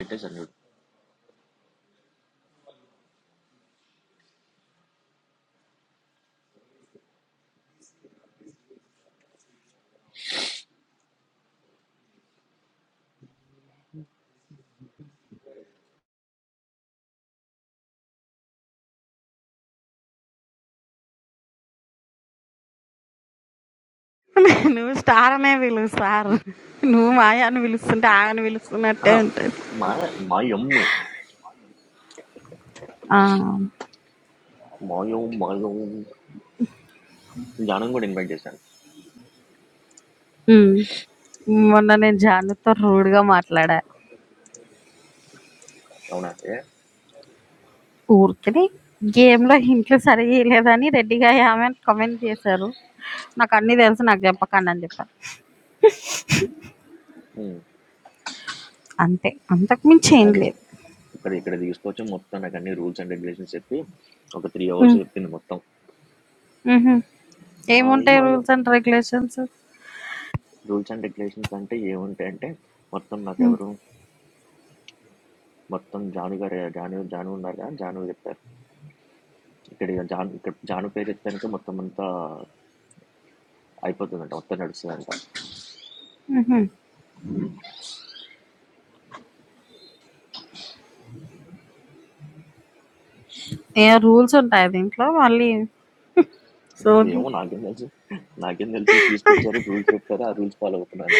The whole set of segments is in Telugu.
పెట్టేశాను చూడు నువ్వు స్టార్ అనే పిలువు సార్ నువ్వు మాయా అని పిలుస్తుంటే ఆగని పిలుస్తున్నట్టే ఆహా, ఉంటుంది మా మా యమ్మ ఆ, మా యమ్మ మా యమ్మ జ్ఞానం కూడా ఇన్వైట్ చేశాను ఉమ్. మొన్న నేను జానుతో రూడ్గా మాట్లాడా అవునా ఏ? ఊరికి గేమ్లో ఇంట్లో సరిగా చేయలేదని రెడ్డిగా ఆమె కమెంట్ చేశారు నాకు అన్నీ తెలుసు నాకు చెప్పకండి అని చెప్పాను ఉమ్. అంతే అంతకు మించి ఏం నాకు ఇస్- లేదు ఇక్కడ ఇక్కడ తీసుకొచ్చి మొత్తం నాకు అన్ని రూల్స్ అండ్ రెగ్యులేషన్స్ చెప్పి ఒక త్రీ అవర్స్ ఉమ్, చెప్పింది మొత్తం ఉహుం. ఆ, ఈ ఏముంటాయి మా rules and regulations rules and regulations అంటే ఏముంటాయి అంటే మొత్తం నాకు ఎవరు మొత్తం జాను గారు జాను జాను ఉన్నారు కదా జాను చెప్పారు ఇక్కడ ఇక జాను ఇక్కడ జాను పేరు చెప్తానికి మొత్తం అంతా అయిపోతుందంట మొత్తం నడుస్తుందంట ఏ రూల్స్ ఉంటాయి దీంట్లో మళ్ళీ సోది ఏమో నాకేం తెలుసు నాకేం తెలుసు తీసుకొచ్చారు రూల్స్ చెప్పారు ఆ రూల్స్ ఫాలో అవుతున్నాను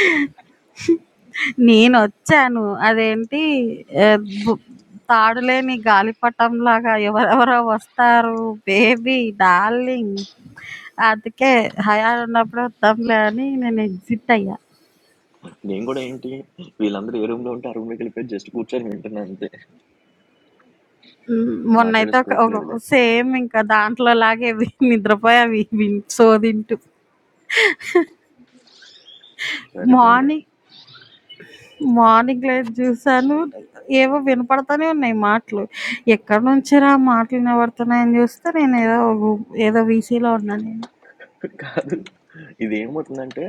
నేనొచ్చాను. అదేంటి ఆహ్, బు తాడులేని గాలిపటంలాగా ఎవరెవరో వస్తారు. బేబీ, డార్లింగ్ అందుకే హయాలు ఉన్నప్పుడు వద్దాంలే అని నేను ఎగ్జిట్ అయ్యా. నేను కూడా ఏంటి వీళ్ళందరూ ఏ రూమ్లో ఉంటే ఆ రూమ్లోకి వెళ్ళిపోయి జస్ట్ కూర్చొని వింటున్నాను అంతే హ్మ్. మాట్లాడే మొన్నైతే ఒక స్కోప్ ఒక లేదులే సేమ్ ఇంకా దాంట్లోలాగే వి నిద్రపోయా వి విన్ సోదింటూ. సరిపోయింది మార్నింగ్ మార్నింగ్ లేచి జూసాను. ఏవో వినపడతానే ఉన్నాయి మాటలు. ఎక్కడి నుంచిరా మాటలు వినబడుతున్నాయని జూస్తే నేనేదో గు ఏదో వీసీలో ఉన్నా నేను. కాదు ఇది ఏమవుతుందంటే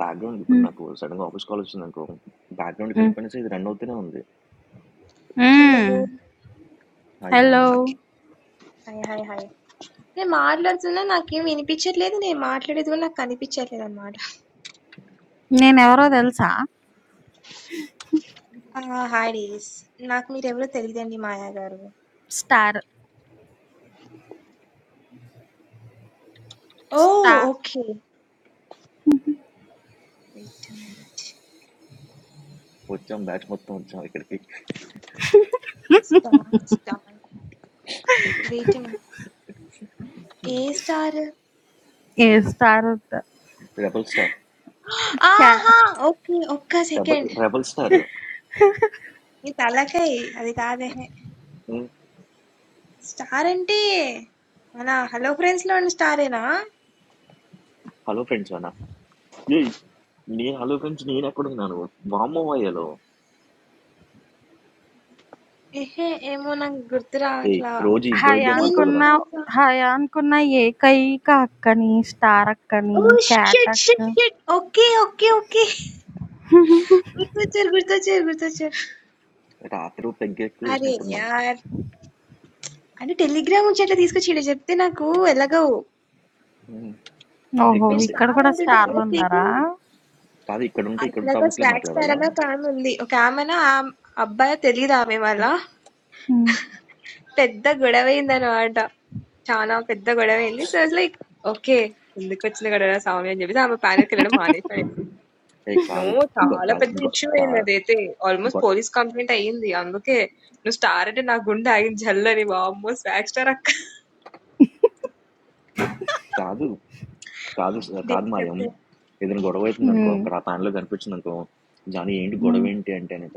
బ్యాక్గ్రౌండ్ ఇప్పుడు నాకు సడన్గా ఆఫీస్ కాల్ వచ్చింది అనుకో బ్యాక్గ్రౌండ్కి హ్మ్. వెళ్ళిపోయినా సరే ఇది రన్ అవుతూనే ఉంది హలో. హ్మ్. హలో. అయ్యాను ఓకే. హాయ్. హాయ్. హాయ్. నేను మాట్లాడుతున్నా నాకేం వినిపించట్లేదు. నేను మాట్లాడేది కూడా నాకు కనిపించట్లేదనమాట. నేనెవరో తెలుసా? ఆ! Hi days. నాకు మీరెవరో తెలీదండి మాయా గారు. Star. Oh! Star. Okay. Wait a minute. వచ్చాం బ్యాచ్ మొత్తం వచ్చాం ఇక్కడికి star star wait a minute. ఏ స్టార్? ఏ స్టార్ వద్దు. రెబల్ స్టార్ క్యా ఆహా! ఓకే. ఒక్క రెబల్ సెకండ్. రెబల్ స్టార్ నీ తలకాయ్. అది కాదు. ఎహె. స్టార్ అంటే మన హలో ఫ్రెండ్స్‌లో ఉన్న స్టారేనా? హలో ఫ్రెండ్స్ అన్న ఏయ్ నేను హలో ఫ్రెండ్స్ నేను ఎక్కడున్నాను వామో అయ్యలో ఎహే! ఏమో నాకు గుర్తు ఏయ్ రావట్లా. రోజు ఈ బర్డ్ గేమ్ నేను ఆడతావు మీకు కదా హయానికున్న తెలుసా? హయానికున్న ఏకైక అక్కని, స్టార్ ఓ అక్కని, క్యాట్ షిట్ అక్క. Shit shit okay okay okay గుర్తొచ్చారు గుర్తొచ్చారు గుర్తొచ్చారు రాత్రి పెగ్గ ఎక్కువ అరే చేసినట్టున్నావు యార్ అంటే టెలిగ్రామ్ నుంచి అట్లా తీసుకొచ్చి ఇక్కడ చెప్తే నాకు ఎలాగో ఉమ్, ఓహో! ఇక్కడ మీరు ఉంటే ఇక్కడ స్టార్ కూడా అంటుంటే అదే స్టార్‌లున్నారా? స్పీకింగ్ కాదు ఇక్కడ ఉంటే ఇక్కడ అక్కడ టాపిక్లే స్వాగ్ స్టార్ మాట్లాడాలా అన్న ఒక ఆమె ఉంది ఒక ఆమెన ఆ అబ్బాయి తెలియదు ఆమె వాళ్ళ హ్మ్. పెద్ద గొడవ అయిందనమాట చాలా పెద్ద గొడవ అయింది సో లైక్ ఓకే ఎందుకు వచ్చిన గొడవ స్వామి అని చెప్పేసి ఆమె ప్యానెల్కి వెళ్ళడం మానేసాను ఏ నో కాదు గొ- చాలా కా- పెద్ద గొ- ఇష్యూ అయింది కా- అదైతే. ఆల్‌మోస్ట్ గొ- పోలీస్ కంప్లెయింట్ అయింది. అందుకే నువ్వు స్టార్ అంటే నా గుండె ఆగింది జల్లని. వామ్మో! స్వాగ్ స్టార్ అక్క. కాదు కాదు కాదు డేస్ మాయం చెప్పు. ఏదైనా గొడవ అవుతుంది అనుకో హ్మ్. అక్కడ ఆ ప్యాన్లో కనిపించింది అనుకో జానీ ఏంటి గొడవ హ్మ్. ఏంటి అంటే అనేక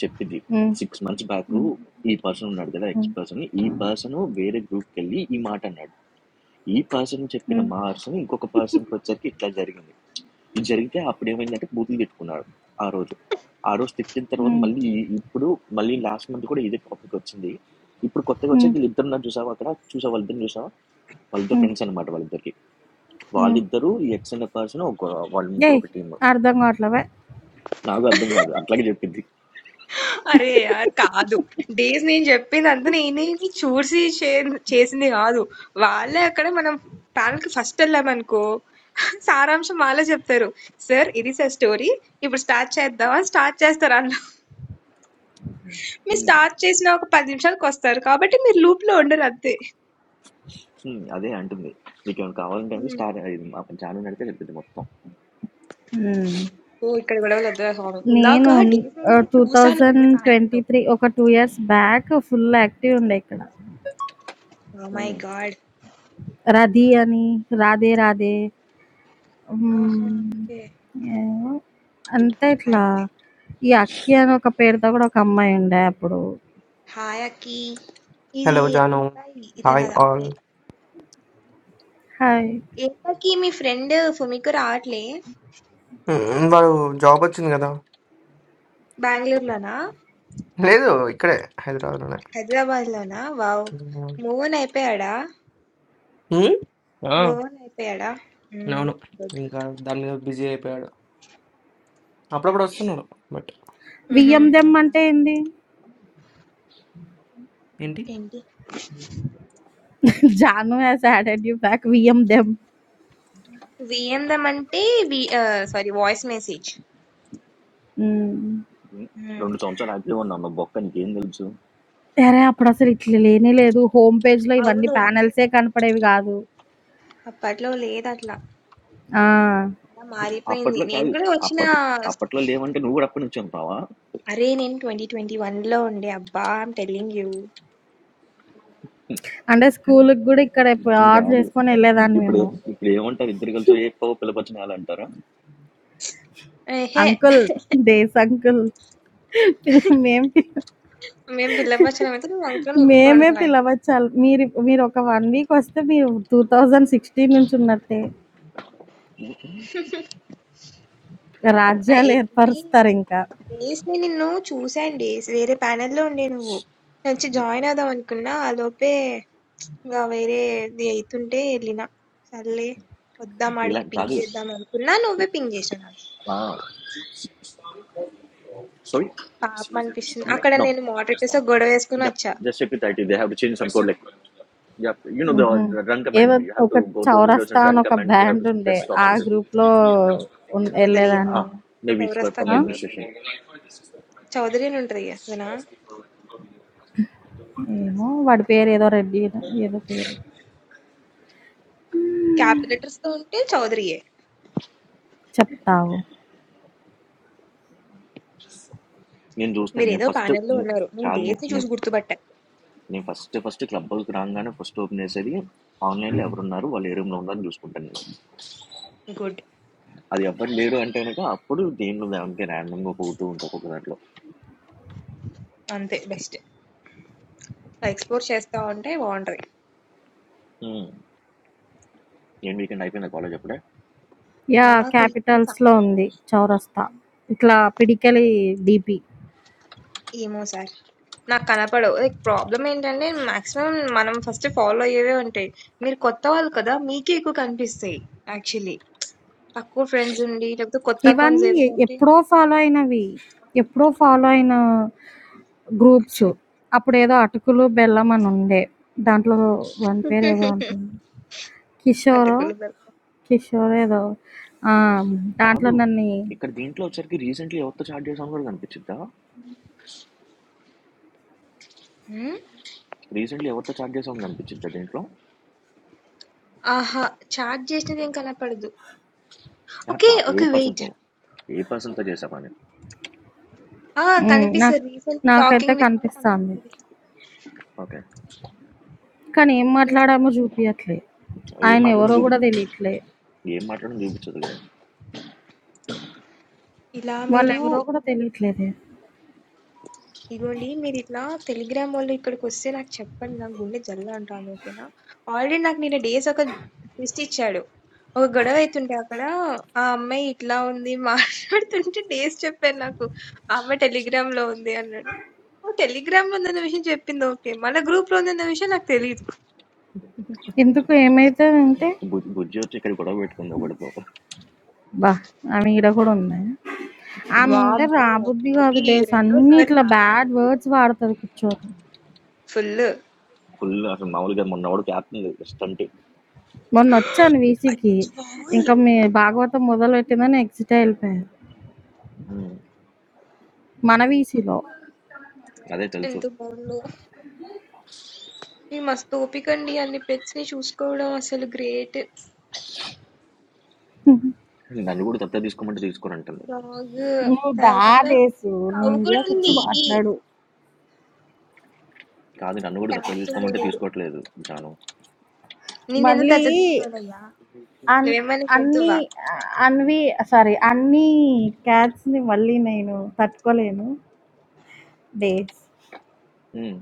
చెప్పింది హ్మ్. సిక్స్ మంత్స్ బ్యాక్ హ్మ్. ఈ పర్సన్ ఉన్నాడు కదా ఎక్స్ హ్మ్. పర్సన్ ఈ పర్సన్ వేరే గ్రూప్కి వెళ్ళి ఈ మాట అన్నాడు ఈ పర్సన్ చెప్పిన హ్మ్. మా పర్సన్ ఇంకొక పర్సన్కి వచ్చేసరికి ఇట్లా జరిగింది ఇది జరిగితే అప్పుడేమైందంటే బూతులు తిట్టుకున్నాడు ఆ రోజు. ఆ రోజు తిట్టిన తర్వాత హ్మ్. మళ్ళీ ఈ- ఇప్పుడు మళ్ళీ లాస్ట్ మంత్ కూడా ఇదే టాపిక్ వచ్చింది. ఇప్పుడు కొత్తగా వచ్చాక హ్మ్. వీళ్ళిద్దరు ఉన్నారు చూసావా అక్కడ? చూసావా వాళ్ళిద్దరిని చూసావా? వాళ్ళిద్దరు హ్మ్. ఫ్రెండ్స్ అన్నమాట వాళ్ళిద్దరికి. హ్మ్. వాళ్ళిద్దరు ఈ ఎక్స్ అనే పర్సన్ ఒక వాళ్ళు ముగ్గురు ఏయ్! ఒక టీమ్. అర్థం కావట్లే. బె. నాకు అర్థం కాదు. అట్లాగే చెప్పింది. అరే యార్! కాదు. డేస్ నేను చెప్పిందంతా నేనేమి చూసి చే చేసింది కాదు. వాళ్ళే అక్కడ మనం ప్యానెల్‌కి ఫస్ట్ వెళ్ళామనుకో సారాంశం వాళ్ళే చెప్తారు. సార్ ఇది సార్ స్టోరీ. ఇప్పుడు స్టార్ట్ చేద్దామా? స్టార్ట్ చేస్తారు ఆళ్ళు. మీరు ఉమ్, స్టార్ట్ చేసిన ఒక 10 నిమిషాలకొస్తారు. కాబట్టి మీరు లూప్‌లో ఉండరు అంతే. ఉమ్, అదే అంటుంది. నీకేమైనా కావాలంటే అంటే స్టార్ ఇది మా ఛానల్ నడితే చెప్పింది మొత్తం. హ్మ్. ఓహ్! ఇక్కడ గొడవలు వద్దురా స్వామి. ఇందాక నేను ఆహ్, డీజే‌నిని చూసాను వేరే ప్యానెల్‌లో. 2023 ఒక 2 ఇయర్స్ బ్యాక్ ఫుల్ యాక్టివ్ ఉండే ఇక్కడ. Oh my um, God! 'రధీ' అని, 'రాధే రాధే' ఆహా! హ్మ్. ఓకే. ఏమో అంతా ఇట్లా బ్యాడ్ బ్యాడ్. ఈ 'అక్కి' అని ఒక పేరుతో గూడా ఒక అమ్మాయి ఉండే అప్పుడు. హాయ్ అక్కి. ఇది హలో జాను అబ్బాయి. హాయ్ ఇతను అది ఆల్ అబ్బాయి. హాయ్! ఏంటక్కి మీ ఫ్రెండ్ ఫుమికో రావట్లే? మ్మ్, వాడు జాబ్ వచ్చింది కదా బెంగుళూరులోనా? లేదు ఇక్కడే హైదరాబాద్లోనే హైదరాబాద్‌లోనా? వావ్! మ్మ్. మూవ్ ఆన్ అయిపోయాడా? మ్మ్? ఆ, మూవ్ ఆన్ అయిపోయాడా? హ్మ్. అవును గుడ్. ఇంకా దాని మీద బిజీ అయిపోయాడు అప్పుడప్పుడు వస్తున్నాడు బట్ హుహు. 'వియ్యం దెమ్' అవునా? అంటే ఏంది? ఏంటి ఏంటి? 'Janu has added you back via them.' వీఎం దమంటే వి ఆహ్, సారీ వాయిస్ మెసేజ్. హ్మ్. ఉమ్. హ్మ్. రెండు సంవత్సరాలు యాక్టివ్ ఉన్నావు బొక్క నీకేం తెలుసు అరె! అప్పుడసలు ఇట్లా లేనే లేదు. హోమ్ పేజ్‌లో ఇవన్నీ అవును. ప్యానెల్సే కనపడేవి గాదు. అప్పట్లో లేదట్లా. ఆ! చాలా మారిపోయింది. అప్పట్లో నేను కాదు గూడా వచ్చిన అప్పట్లో అప్పట్లో లేవంటే నువ్వు కూడా అప్పటి నుంచి ఉంటావా అరే! నేను 2021లో ఉండే అబ్బా! I'm telling you. అంటే స్కూలుకి గూడా ఇక్కడ ప ఆటోలు కాదు ఏసుకొని ఎళ్ళేదాన్ని ఇప్పుడు మేము. ఇప్పుడు ఏమంటారు ఇద్దరు కలిసి ఏ పో పిలపచ్చినాలు అంటారా ఎహే! అంకుల్ డేస్ అంకుల్ పిల్ల మేం పిల్ల మేము పిల్లపచ్చలం అయితే నువ్వు వంకని మేమే ఒప్పుకుంటున్నావు అయితే. పిలవచ్చాలి. మీరు మీరొక 1 వీక్ వస్తే మీరు 2016 నుంచి ఉన్నట్టే. ఆ, ఆ, రాజ్యాలు ఏంటి ఏర్పరుస్తారింకా. డేస్ నేను నిన్ను చూశాను డేస్ వేరే ప్యానెల్లో ఉండే నువ్వు నేను వచ్చి జాయిన్ అవుదాం అనుకున్నా ఆ లోపే ఇంకా వేరేది అవుతుంటే వెళ్ళిన సర్లే వద్దాం ఇలా ఆడికి పింగ్ కాదు చేద్దాం అనుకున్నా నువ్వే పింగ్ చేశాను సారీ పాపం అనిపిస్తుంది అక్కడ నో నేను moderators తో గొడవ వేసుకుని వచ్చా జస్ట్ చెప్పి thirty they have to change some code like yeah you know హుహు. ద రన్ ఏదో కమాండ్ యూ హ్యావ్ ఒక టు గో టు విండోస్ చౌరస్తా అండ్ అని రన్ ఒక command you have band to ఉండే. టెస్ట్ ఆ ఆప్షన్స్ గ్రూప్‌లో ఉన్ చౌదరియా ఎళ్ళేదాన్ని. మేబీ ఇట్స్ చౌరస్తా ఫ్రమ్ ఆ! కాదు అడ్మినిస్ట్రేషన్ చౌదరి అని ఉంటది కదా, అదేనా ఏమో వాడి పేరేదో రెడ్డి ఏదో పేరు. క్యాపిటల్ లెటర్స్ తో ఉంటే చౌదరియే చెప్తా ఆగు. నేను చూస్తే మీరు నేను ఏదో ఫస్ట్ panel లో ఉన్నారు నేను కాదు నేను డేస్ ని చూసి నేను గుర్తుపట్టా నేను ఫస్ట్ ఫస్ట్ క్లబ్ హౌస్కి రాగానే ఫస్ట్ ఓపెన్ చేసేది ఆన్లైన్లో ఎవరున్నారు వాళ్ళు ఏ రూమ్లో ఉందని చూసుకుంటాను నేను గుడ్ అది ఎవరు లేరు అంటే కనుక అప్పుడు దేనిలో దానికి ర్యాండమ్గా పోతూ ఉంటా ఒక్కొక్క దాంట్లో అంతే బెస్ట్ ఎక్స్ప్లోర్ చేస్తా ఉంటే బాగుంటది ఉమ్, ఏం వీకెండ్ అయిపోయింది కాలేజ్ అప్పుడే యాహ్! నాకు ఇది క్యాపిటల్స్‌లో సాటి- ఉంది. 'చౌరస్తా'. ఇట్లా పిడికెలి డీపీ. ఏమో సార్ నాకు కనపడవు లైక్ ప్రాబ్లం ఏంటంటే మాక్సిమం మనం ఫస్ట్ ఫాలో అయ్యేవే ఉంటాయి మీరు కొత్త వాళ్ళు కదా మీకే ఎక్కువ కనిపిస్తాయి యాక్చువల్లీ తక్కువ ఫ్రెండ్స్ ఉండి లేకపోతే కొత్త అకౌంట్స్ ఇవన్నీ ఎ ఏవైతే ఉంటే ఎప్పుడో ఫాలో అయినవి. ఎప్పుడో ఫాలో అయిన గ్రూప్స్. అచ్చా అప్పుడేదో అటుకులు, బెల్లం అని ఉండే. దాంట్లో వాని పేరేదో ఉంటుంది. కిషోరో, అటుకులు కిషోరో ఏదో ఆ! దాంట్లో కాదు నన్ని ఇక్కడ దీంట్లో వచ్చరికి రీసెంట్లీ ఎవరితో చాట్ చేసాం కూడా కనిపించిద్దా బెల్లం రీసెంట్లీ ఎవరితో చాట్ చేసాం కనిపించిద్దా దీంట్లో ఆహా! చాట్ చేసినదేం కనపడదు. ఆ, ఓకే. చా- ఏ ఓకే. వెయిట్. పర్సన్తో ఏ పర్సన్తో చేసామని ఆ! హ్మ్. నాకు కనిపిస్తది. రీసెంట్‌లీ నాకైతే టాకింగ్ విత్ అని కనిపిస్తాంది. కనిపిస్తది. ఓకే కానీ ఏం నువ్వు మాట్లాడామో ప్రైమ్ జూపియట్లే. ఏం మాట్లాడడం ఆయనెవరో చూపి గూడా తెలీట్లే. ఏం మాట్లాడడం చూపించదు కదా ఇలా మీరు వాళ్ళెవరో గూడా తెలీట్లేదే. ఇగోండి మీరిట్లా టెలిగ్రామోళ్ళు ఇక్కడికొస్తే నాకు చెప్పండి. నాకు గుండె జల్ల అంటాంది. ఓకేనా? ఆల్రెడీ నాకు నిన్న డేస్ ఒక ట్విస్ట్ ఇచ్చాడు. ఒక గొడవ అయితుంటే అక్కడ ఆ అమ్మాయి ఇట్లా ఉంది మాట్లాడుతుంటే డేస్ చెప్పాడు నాకు. ఆ అమ్మాయి టెలిగ్రామ్‌లో ఉంది అన్నాడు. ఓహ్! టెలిగ్రామ్‌లో ఉందన్న విషయం చెప్పింది ఓకే. మళ్ళా గ్రూప్‌లో ఉందన్న విషయం నాకు తెలీదు. ఎందుకు ఏమైతదంటే బుజ్జి బుజ్జి వచ్చి ఇక్కడ గొడవ పెట్టుకుంది ఒకటితో అబ్బా! ఆమె ఈడ కూడా ఉందా? ఆముంటే వామ్మో! రాబుద్ది కాదు అది డేస్ అన్నీ రెండోసారి ఇట్లా మ్యామ్ నేను బ్యాడ్ వర్డ్స్ వెళ్ళాను. వాడతది కూర్చొని. ఫుల్ ఫుల్ అసలు మామూలుగా మొన్న వాడు క్యాప్టెన్ స్టంట్ మొన్నొచ్చాను వీసీకి. అచ్చి బాబోయ్! ఇంకా మీ భాగవతం మొదలుపెట్టిందని ఎగ్జిట్ వెళ్ళిపోయాను. హ్మ్. మన వీసీలో. అదే తెలుసు. ఎంత బాగుందో. ఈ మస్తు ఓపికండి అన్ని పెట్స్‌ని చూసుకోవడం అసలు గ్రేట్. నన్ను గూడా దత్తత తీసుకోమంటే తీసుకోనంటుంది. డాగ్ నువ్వు దా తర్వాత డేసు. కౌ నువ్వు కూడా ఇండియాకొచ్చి ఉంది. మాట్లాడు. కాదు నన్ను గూడా దత్తత క్యాట్స్ ఉన్నాయి తీసుకోమంటే 3. తీసుకోవట్లేదు జాను. నిన్నెందుకు మళ్ళీ దత్తత తీసుకోవాలయ్యా? అన్ నువ్వేమైనా అన్ని జంతువా? ఆహ్, అన్వి సారీ అన్ని క్యాచ్‌ని మళ్ళీ నేను తట్టుకోలేను. డేస్. హ్మ్.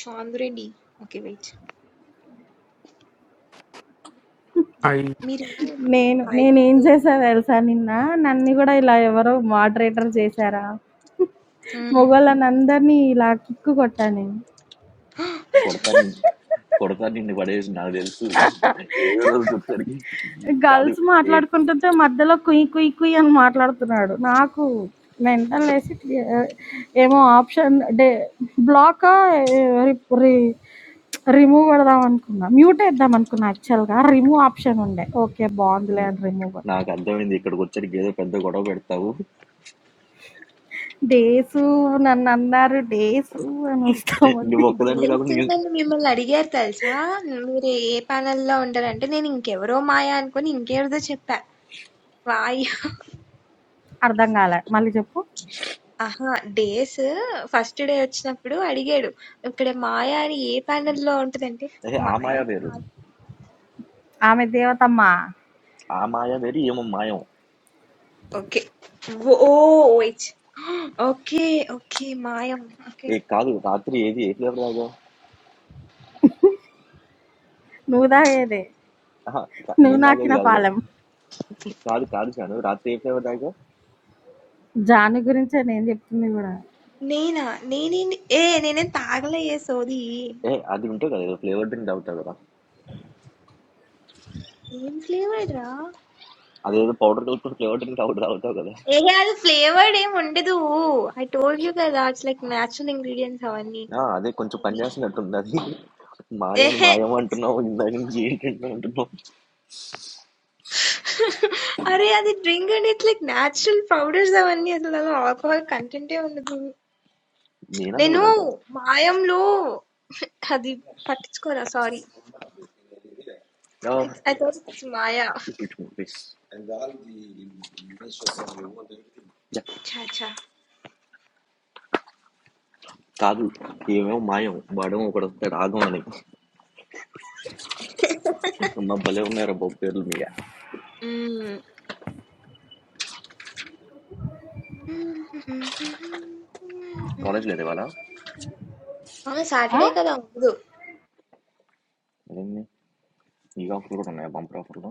చాంద్రుడి ఓకే. వెయిట్. Are మీరు నేను హాయ్ నేనేం చందు. చేశా తెలుసా నిన్న, నన్ని గూడా ఇలా ఎవరో మోడరేటర్ చేశారా? హ్మ్. మొగోళ్ళనందరిని ఇలా కిక్ కొట్టా నేను. కొడతా నిన్ కొడతా నిన్ను పడేసి నాకు తెలుసు. ఏదో రోజు వచ్చేసరికి కాదు గర్ల్స్ ఏ మాట్లాడుకుంటుంటే మధ్యలో కుయ్ కుయ్ కుయ్ అని మాట్లాడుతున్నాడు. నాకు మెంటలేసి ఆహ్, ఏమో ఆప్షన్ డే బ్లాకా రి రి రిమూవ్ కొడదాం అనుకున్నా. మ్యూటేద్దాం అనుకున్నా యాక్చువల్‌గా. రిమూవ్ ఆప్షన్ ఉండే. ఓకే బావుందిలే హ్మ్. అని రిమూవ్ కొట్టా. నాకు అర్థమైంది. ఇక్కడికొచ్చేసరికి ఏదో పెద్ద గొడవ పెడతావు. డేసు నన్నన్నారు డేసు నువ్వు అనొస్తామంది. ఒక్కదానివి కాకుండా డేట్స్ నేను నన్ను మిమ్మల్ని అడిగారు తెలుసా మీరు ఏ panel లో ఉంటారంటే నేను ఇంకెవరో మాయా అనుకుని ఇంకెవరిదో చెప్పా వాయు అర్థం కాలే. మళ్ళీ చెప్పు. ఆహా డేస్ ఫస్ట్ డే వచ్చినప్పుడు అడిగాడు ఇక్కడ మాయా అని ఏ panel లో ఉంటుందంటే ఏహే! ఆ మాయా మాయ అని వేరు. కాదు ఆమె దేవతమ్మ. ఆ మాయ వేరు ఈమె మాయం. ఓకే ఓ ఇచ్ ఓకే ఓకే మాయం ఓకే ఏ కాదు రాత్రి ఏది ఏ ఫ్లేవర్ తాగావు? నువ్వు తాగేదే. అహా! క నువ్వు నేను తాగేది నాకిన కాదులే. పాలెం. కాదు కాదు జాను రాత్రి ఏ ఫ్లేవర్ తాగావు? జాను గురించే నేను చెప్తుంది కూడా. నేనా నేనే ఏ నేనేం తాగలే ఏ సోది ఏహ్! అది ఉంటది కదా! ఏదో ఫ్లేవర్ డ్రింక్ తాగుతావు కదా! ఏం ఫ్లేవర్ రా అదేదో పౌడర్ కలుపుకుని ఫ్లేవర్ డ్రింక్ పౌడర్ తాగుతావు కదా ఏ అది ఫ్లేవర్డ్ ఏం ఉండదు ఐ టోల్డ్ యూ కదా ఇట్స్ లైక్ న్యాచురల్ ఇంగ్రీడియంట్స్ అవన్నీ ఆ, అదే కొంచెం పని అవి. చేస్తున్నట్టుంది అది మాయని ఏహే మాయం అంటున్నావు ఇందాక నుంచి ఏంటంటే అంటున్నావు అరే అది drink and it's like natural powders అవన్నీ అసలు ఆల్కహాల్ కంటెంటే ఉండదు నేనందు నేను కూడా అదే మాయంలో అది పట్టించుకోరా సారీ ఆ, it's I thought it's Maya ఇప్పించుకో, please. యా, చాచా కాదు ఏమేమో మాయం వాడేమో ఒకడు వస్తాడు ఆగం అని మా భలే ఉన్నారు బాబు పేర్లు మీ కాలేజ్ లేదు ఇవాళ అవును ఆ? సాటర్డే కదా ఉండదు అదేంది ఈ ఆఫర్లు కూడా ఉన్నాయా బంపర్ ఆఫర్లు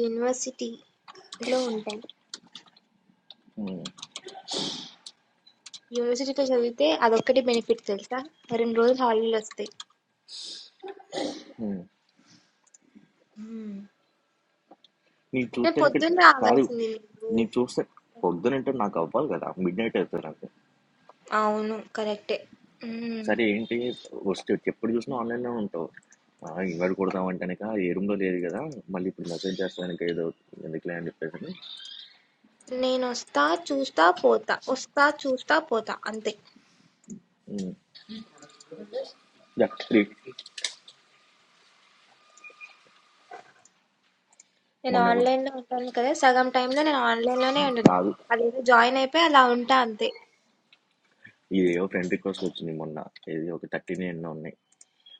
యూనివర్సిటీలో ఉంటాం ఉమ్, యూనివర్సిటీలో చదివితే అదొక్కటి బెనిఫిట్ తెలుసా రెండు రోజులు హాలిడేలు వస్తాయి ఉమ్. మ్మ్. నీకు నేను చూస్తే ఇక్కడ పొద్దున్న కాదు రావాల్సింది నువ్వు నీకు చూస్తే పొద్దునంటే నాకు అవ్వాలి కదా మిడ్ నైట్ అవుతుంది నాకు అవును కరెక్టే మ్మ్. సరే ఏంటి వస్తే ఎప్పుడు చూసినా ఆన్లైన్లో ఉంటావు ఆ, ఇవాళ కొడదాం అంటేనక ఏ రూమ్లో లేదు కదా మళ్ళీ ఇప్పుడు మెసేజ్ చేస్తానక ఏదో ఎందుకులే అని చెప్పేసి నేను వస్తా చూస్తా పోతా వస్తా చూస్తా పోతా అంతే ఉమ్, యా, త్రీ నేను మొన్న కూడా ఆన్లైన్ లో ఉంటాను కదా సగం టైంలో నేను ఆన్లైన్ లోనే ఉమ్, ఉంటున్నాను కాదు అదేదో జాయిన్ అయిపోయి అలా ఉంటా అంతే ఇదేవో ఫ్రెండ్ రిక్వెస్ట్ వచ్చింది మొన్న ఇది ఒక థర్టీన్ ఎన్నో ఉన్నాయి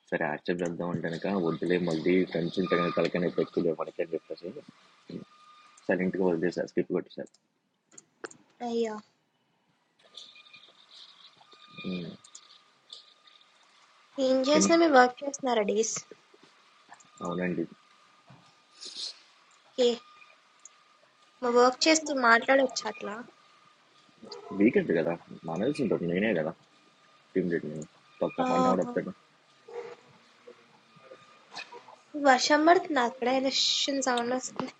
సరే యాక్సెప్ట్ చేద్దాం అంటేనక వద్దులే మళ్ళీ ఫ్రెండ్స్ ఉంటే కనుక తలకనే పెట్టులే మనకి అని చెప్పేసి సైలెంట్గా వదిలేసారు స్కిప్ కొట్టేశారు అయ్యా ఉమ్, ఏం ఎన్- చేసినా మీరు వర్క్ చేస్తున్నారా డేస్ అవునండి ఓకే మా వర్క్ చేస్తూ మాట్లాడొచ్చు అట్లా వీకెండ్ కదా మనల్సి ఉంటుంది నేనే కదా టీమ్ లీడ్ నేను పక్క ఆహా. మన వర్షం పడుతుంది అక్కడ ఎలక్షన్ సౌండ్ వస్తుంది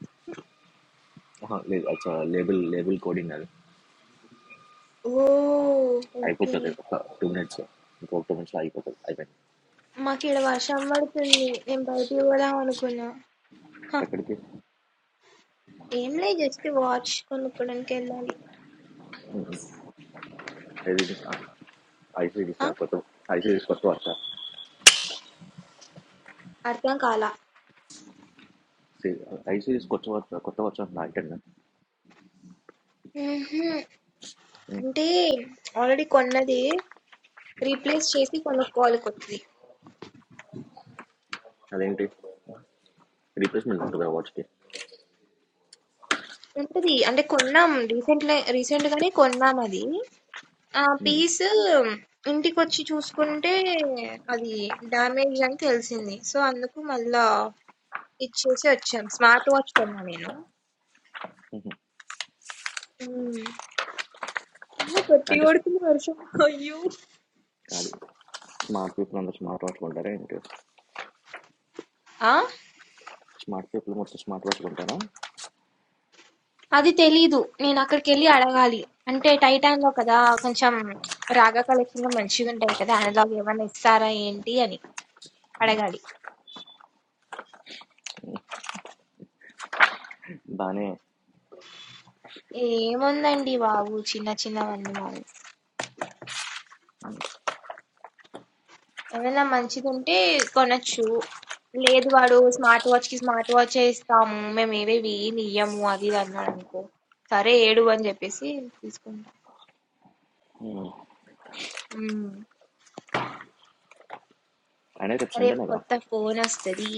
ఆహా, లేదు అచ్చా లేబుల్ లేబుల్ కోడింగ్ అది ఓహ్! ఓకే. అయిపోతుంది ఒక టూ మినిట్స్ ఇంకొక టూ మినిట్స్లో అయిపోతుంది అయిపోయింది మాకీడ వర్షం పడుతుంది. నేను బయటికి పోదాం అనుకున్నా. హ! ఎక్కడికి ఏంలే జస్ట్ వాచ్ కొనుక్కోడానికెళ్ళాలి. ఐ సిరీస్ ఆ? కొత్త ఐ సిరీస్ కొత్త వార్త అర్థం కాలా. ఐ సిరీస్ కొత్త వార్త కొత్త వార్త అంటున్నా ఐటెన్ హుహు. అంటే ఆల్రెడీ కొన్నది రీప్లేస్ చేసి కొనుక్కోవాలి కొత్తది. అదేంటి రీప్లేస్మెంట్ ఉంటుంది ఆ వాచ్కి ఉంటది. అంటే కొన్నాం రీసెంట్‌లే రీసెంట్‌గానే కొన్నాం అది. ఆ పీస్ ఇంటికొచ్చి చూసుకుంటే అది డ్యామేజ్ అని తెలిసింది. సో, అందుకు మళ్ళా ఇచ్చేసి వచ్చాం. స్మార్ట్ వాచ్ కొన్నా నేను. హ్మ్. నువ్వు గట్టి అంటే కొడుతుంది వర్షం అయ్యో కాదు స్మార్ట్ పీపుల్ అందరూ స్మార్ట్ వాచ్ కొంటారా ఏంటి ఆ స్మార్ట్ పీపుల్ మొత్తం స్మార్ట్ వాచ్ కొంటారా అది తెలీదు నేను అక్కడికి వెళ్ళి అడగాలి అంటే టైటాన్ లో కదా కొంచెం రాగా కలెక్షన్ లో మంచిగా ఉంటాయి కదా అనలాగ్ ఏమైనా ఇస్తారా ఏంటి అని అడగాలి బాగానే ఏముందండి బాబు చిన్న చిన్నవన్నీ మావి ఏమైనా మంచిది ఉంటే కొనొచ్చు లేదు వాడు స్మార్ట్ వాచ్ కి స్మార్ట్ వాచ్ ఇస్తాము మేము ఏవేవి ఏమి ఇయ్యము అది ఇది అన్నాడు అనుకో సరే ఏడు అని చెప్పేసి తీసుకుంటా మ్మ్. ఉమ్, అయినా రేపు రేపు సండేనేగా కొత్త ఫోన్ వస్తది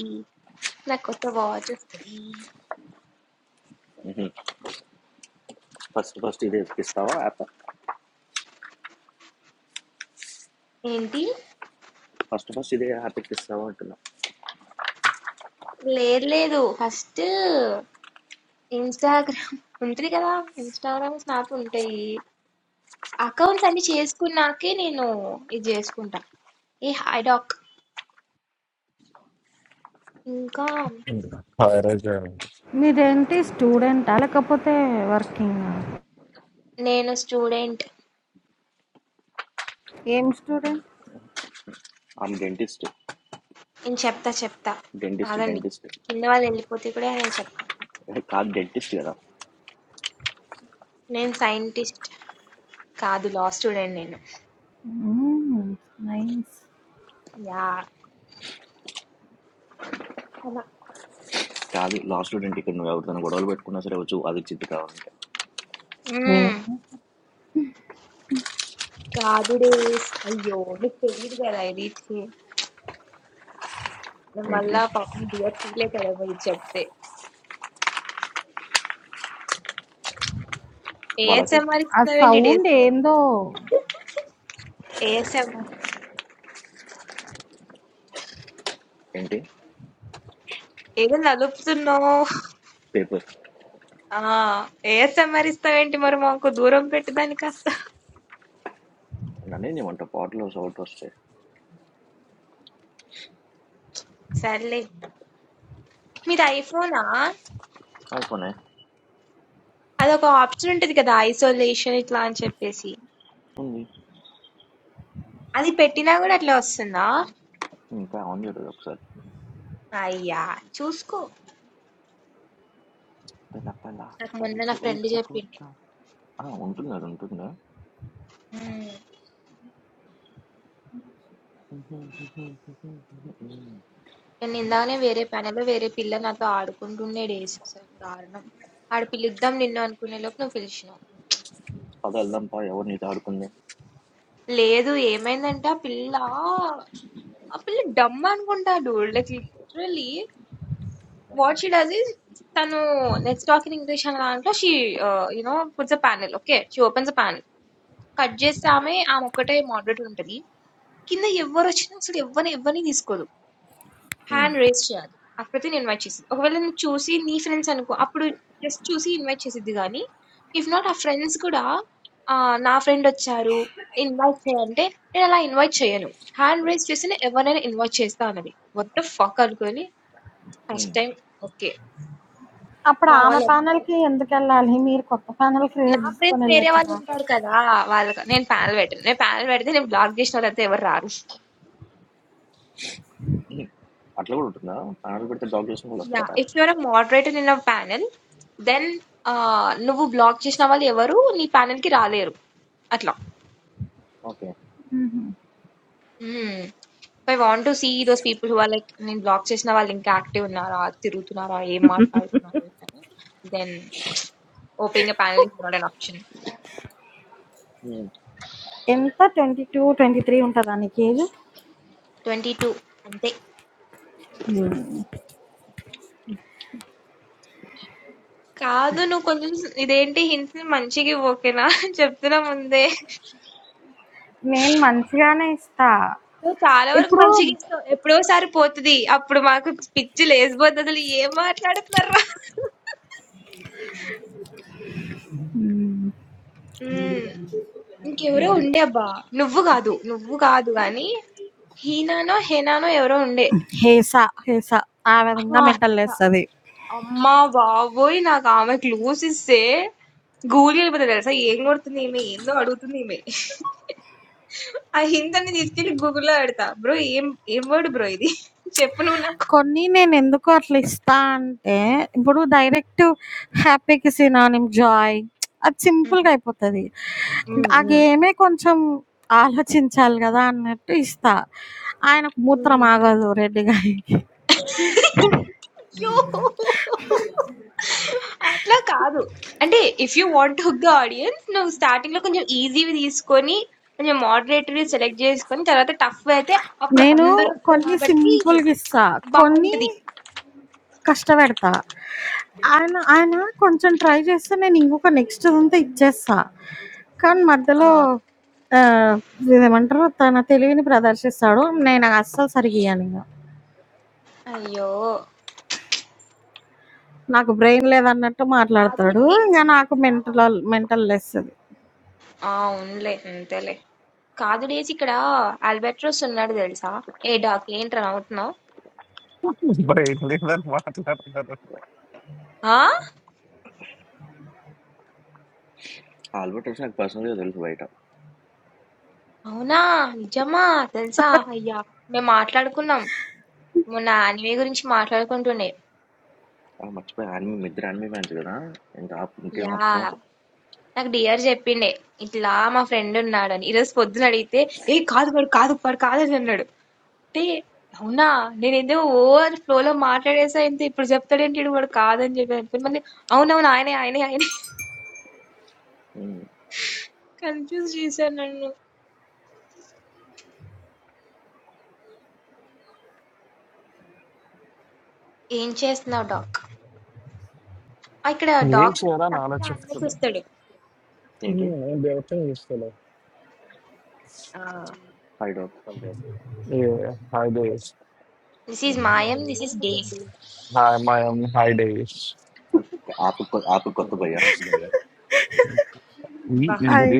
నాకు కొత్త వాచ్ వస్తుంది ఫస్ట్ ఫస్ట్ ఇదే ఎక్కిస్తావా యాప్ ఏంటి ఫస్ట్ ఫస్ట్ ఇదే యాప్ ఎక్కిస్తావా అంటున్నా లేదు లేదు ఫస్ట్ ఇన్స్టాగ్రామ్ ఉంటుంది కదా ఇన్స్టాగ్రామ్ స్నాప్ ఉంటాయి అకౌంట్స్ అన్ని చేసుకున్నాకే నేను ఇది చేసుకుంటా ఏ హైడాక్ ఇంకా Hi Rajan. మీరేంటి స్టూడెంటా? లేకపోతే వర్కింగా? నేను స్టూడెంట్ ఏం స్టూడెంట్? ఆమె డెంటిస్ట్ నేను చెప్తా చెప్తా డెంటిస్ట్ కాదండి డెంటిస్ట్ కింద వాళ్ళు వెళ్ళిపోతే కూడా నేను చెప్తా కాదు డెంటిస్ట్ కదా నేను సైంటిస్ట్ కాదు లా స్టూడెంట్ నేను హ్మ్. నైస్. యా అలా కాదు లా స్టూడెంట్ ఇక్కడ నువ్వు ఎవరితో గొడవలు పెట్టుకున్నా సరే వచ్చు అది చిత్తు కావాలంటే మ్మ్. హుహు. కాదు డేస్ అయ్యో నీకు తెలియదు కదా ఇది ఛీ. ఏంటిది మళ్ళా పాపం డియర్ ఫీల్ అవుతాడేమో ఇది చెప్తే వాళ్ళకి ఏఎస్ఎంఆర్ ఆ ఇస్తున్నావేంటి డేస్ సౌండ్ నువ్వు ఏందో. ఏఎస్ఎంఆర్ ఏంటి ఏదో నలుపుతున్నావు పేపర్ ఆ ఏఎస్ఎంఆర్ ఇస్తావేంటి మరి మాకు దూరం పెట్టు దాన్ని కాస్త నన్ను ఏమంట పాటలో షౌట్ వస్తాయి సర్లే మీది ఐఫోనా అయిపోయినాయి అదొక ఆప్షన్ ఉంటది కదా ఐసోలేషన్ ఇట్లా అని చెప్పేసి ఉంది అది పెట్టినా కూడా అట్లా వస్తుందా ఇంకా ఆన్ చేయలేదు ఒకసారి అయ్యా చూసుకో పెళ్ళ పెళ్ళ నాకు మొన్న పరిచ నా ఫ్రెండ్ ఊచ చెప్పింది కూత ఆ, ఉంటుంది అది ఉంటుంది ఉమ్. నిన్నిందాకనే వేరే పనిలో వేరే పిల్ల నాతో ఆడుకుంటుండేడేసి అసలు దారుణం. ఆడు పిలుద్దాం నిన్ను అనుకునేలోపు నువ్వు పిలిచినావు. పద వెళ్దాం పా ఎవరు నీతో ఆడుకుంది లేదు ఏమైందంటే ఆ పిల్ల ఆ పిల్ల డమ్ అనుకుంటా dude. Like literally what she does is తను నెట్స్ టాక్ ఇన్ ఇంగ్లీష్ అనే దాంట్లో she you know puts a panel okay she opens a panel cut చేస్తే ఆమె ఆమె ఒక్కటే మోడరేటర్ ఉంటది. కింద ఎవరు వచ్చినా అసలు ఎవరిని ఎవరిని తీసుకోదు. ఉమ్, హ్యాండ్ రైజ్ చేయాలి. అప్పుడైతే నేను ఇన్వైట్ చేసేది. ఒకవేళ నేను చూసి నీ ఫ్రెండ్స్ అనుకో అప్పుడు జస్ట్ చూసి ఇన్వైట్ చేసిద్ది గానీ, ఇఫ్ నాట్ ఆ ఫ్రెండ్స్ కూడా ఆహ్, నా ఫ్రెండొచ్చారు ఇన్వైట్ చెయ్ అంటే నేనలా ఇన్వైట్ చేయను. హ్యాండ్ రైజ్ చేస్తేనే ఎవరినైనా ఇన్వైట్ చేస్తా అన్నది. వాట్ ద ఫక్ అనుకోని ఫస్ట్ ఉమ్, టైమ్ ఓకే. అప్పుడు మా ఆమె వాళ్ళందరూ ప్యానెల్‌కి ఎందుకెళ్ళాలి? మీరు కొత్త ప్యానెల్ నా క్రియేట్ చేసుకొని ఫ్రెండ్స్ వేరే వెళ్ళొచ్చుగా. వాళ్ళుంటారు కదా! వాళ్ళకి నేను ప్యానెల్ పెట్టను. నేను ప్యానెల్ పెడితే నేను బ్లాక్ జేసిన వాళ్ళంతా ఎవరు రారు. ఉమ్. అట్లా కూడా ఉంటుందా ప్యానల్ పెడితే డాగ్ చేసిన వాళ్ళు యా వస్తారా if your a moderator in a panel then నువ్వు బ్లాక్ చేసిన వాళ్ళు ఎవరు నీ ప్యానెల్ కి రాలేరు అట్లా ఓకే మ్మ్. I want to see those people who are like నేను బ్లాక్ చేసిన వాళ్ళు ఇంకా యాక్టివ్ ఉన్నారా తిరుగుతున్నారా ఏం మాట్లాడుతున్నారు ఏంటని then opening panel is not an option నేను ఎంత 22, 23 ఉంటదా నీకేజు? ట్వంటీ టూ అంతే కాదు నువ్వు కొంచెం ఇదేంటి హింట్స్ మంచిగా ఓకేనా చెప్తున్నా ముందే నేను మంచిగానే ఇస్తా. నువ్వు చాలా వరకు ఇప్పుడు మంచిగా ఇస్తావు ఎప్పుడోసారి పోతది అప్పుడు మాకు పిచ్చి లేసిపోద్ది అసలు ఏం మాట్లాడుతున్నారా హ్మ్. ఉమ్, ఇంకెవరో అందుకే ఉండే అబ్బా నువ్వు కాదు నువ్వు కాదు గాని హీనానో హేనానో ఎవరో ఉండే హేస, హేస ఆ విధంగా ఆహా, మెంటల్ లేస్తది. అమ్మా బాబోయ్ నాకు ఆమె క్లూస్ ఇస్తే గూలి వెళ్ళిపోతుంది తెలుసా ఏం కొడుతుంది ఈమె ఏందో అడుగుతుంది ఈమె ఆ హిందని తీసుకెళ్లి గూగుల్లో పెడతా బ్రో ఏం ఏం వర్డ్ బ్రో ఇది చెప్పు నువ్వు నాకు కొన్ని నేనెందుకు అట్లా ఇస్తా అంటే, ఇప్పుడు డైరెక్ట్ హ్యాపీకి సినానిమ్ జాయ్ అది సింపుల్‌గా అయిపోతది. ఉమ్, ఆ ఉమ్. గేమే కొంచెం ఆలోచించాలి గదా! అన్నట్టు ఇస్తా. ఆయనకు మూత్రం హ్మ్. ఆగదు రెడ్డి గారికి. అయ్యో! అట్లా కాదు. అంటే if you want to hook the audience నువ్వు స్టార్టింగ్‌లో కొంచెం ఈజీవి తీసుకొని, కొంచెం మోడరేట్‌వి సెలెక్ట్ చేసుకొని, తర్వాత టఫ్ అయితే అప్పుడు నేను అందరొస్తారు కొన్ని కాబట్టి సింపుల్‌గిస్తా. కొన్ని బావుంటది. కష్టపెడతా. ఆయన, ఆయన కొంచెం ట్రై చేస్తే నేను ఇంకొక నెక్స్ట్‌దంతా ఇచ్చేస్తా. కానీ ఆ! మధ్యలో ఆహ్, ఇదేమంటారు తన తెలివిని ప్రదర్శిస్తాడు. నేను అస్సలు సరిగ్గా ఇయ్యనింగ. అయ్యో! నాకు బ్రెయిన్ లేదన్నట్టు కాదు మాట్లాడతాడు. డేస్ ఇంక నాకు ఇక్కడ ఆ! మెంటల్ మెంటల్లెస్తది. అవునులే. అంతేలే. కాదు డేస్ ఇక్కడ అల్బట్రోస్ ఉన్నాడు తెలుసా? ఏ డాకి ఏంట్రా నవ్వుతున్నావు? Bye. Listen, what happened? ఆ! ఆల్బర్ట్ వచ్చి నాకు పర్సనల్గా తెలుసు బయట అవునా! నిజమా? తెలుసా? అయ్యా! మేం మాట్లాడుకున్నాం. మొన్న యానిమే గురించి మాట్లాడుకుంటుండే. ఆ, మర్చిపోయా యానిమే నిద్ర యానిమే ఫ్యాన్స్ కదా ఇంకా ఆప్- ఇంకేం ఆపుతాం యాహ్! నాకు డిఆర్ జెప్పిండే. ఇట్లా మా ఫ్రెండ్ ఉన్నాడని. ఈరోజు పొద్దున అడిగితే, "ఏయ్! కాదు వాడు కాదు. వాడు కాదని" అన్నాడు. అంటే అవునా! నేనేదో ఓవర్ ఫ్లోలో మాట్లాడేసా ఇంత ఇప్పుడు చెప్తాడేంటి ఈడు వాడు కాదని చెప్పి అనుకుని మళ్ళీ అవునవును ఆయనే, ఆయనే, ఆయనే ఉమ్, కన్‌ఫ్యూజ్ చేశారు నన్ను. ఏం చేస్తున్నావు డాగ్? ఆ! ఇక్కడ You డాగ్ ఉన్నాడు. share a తను కూడా knowledge. యానిమే చూస్తాడు. ఏంటి Hmm. I don't know. Yes, hello. ఆ! హై డాక్ Hi days. దిస్ ఈజ్ మాయం. This is days. Hi my name. Hi days. యాప్ Who? యాప్ Who? కొత్త Okay. భయ్యా అబ్బా! అది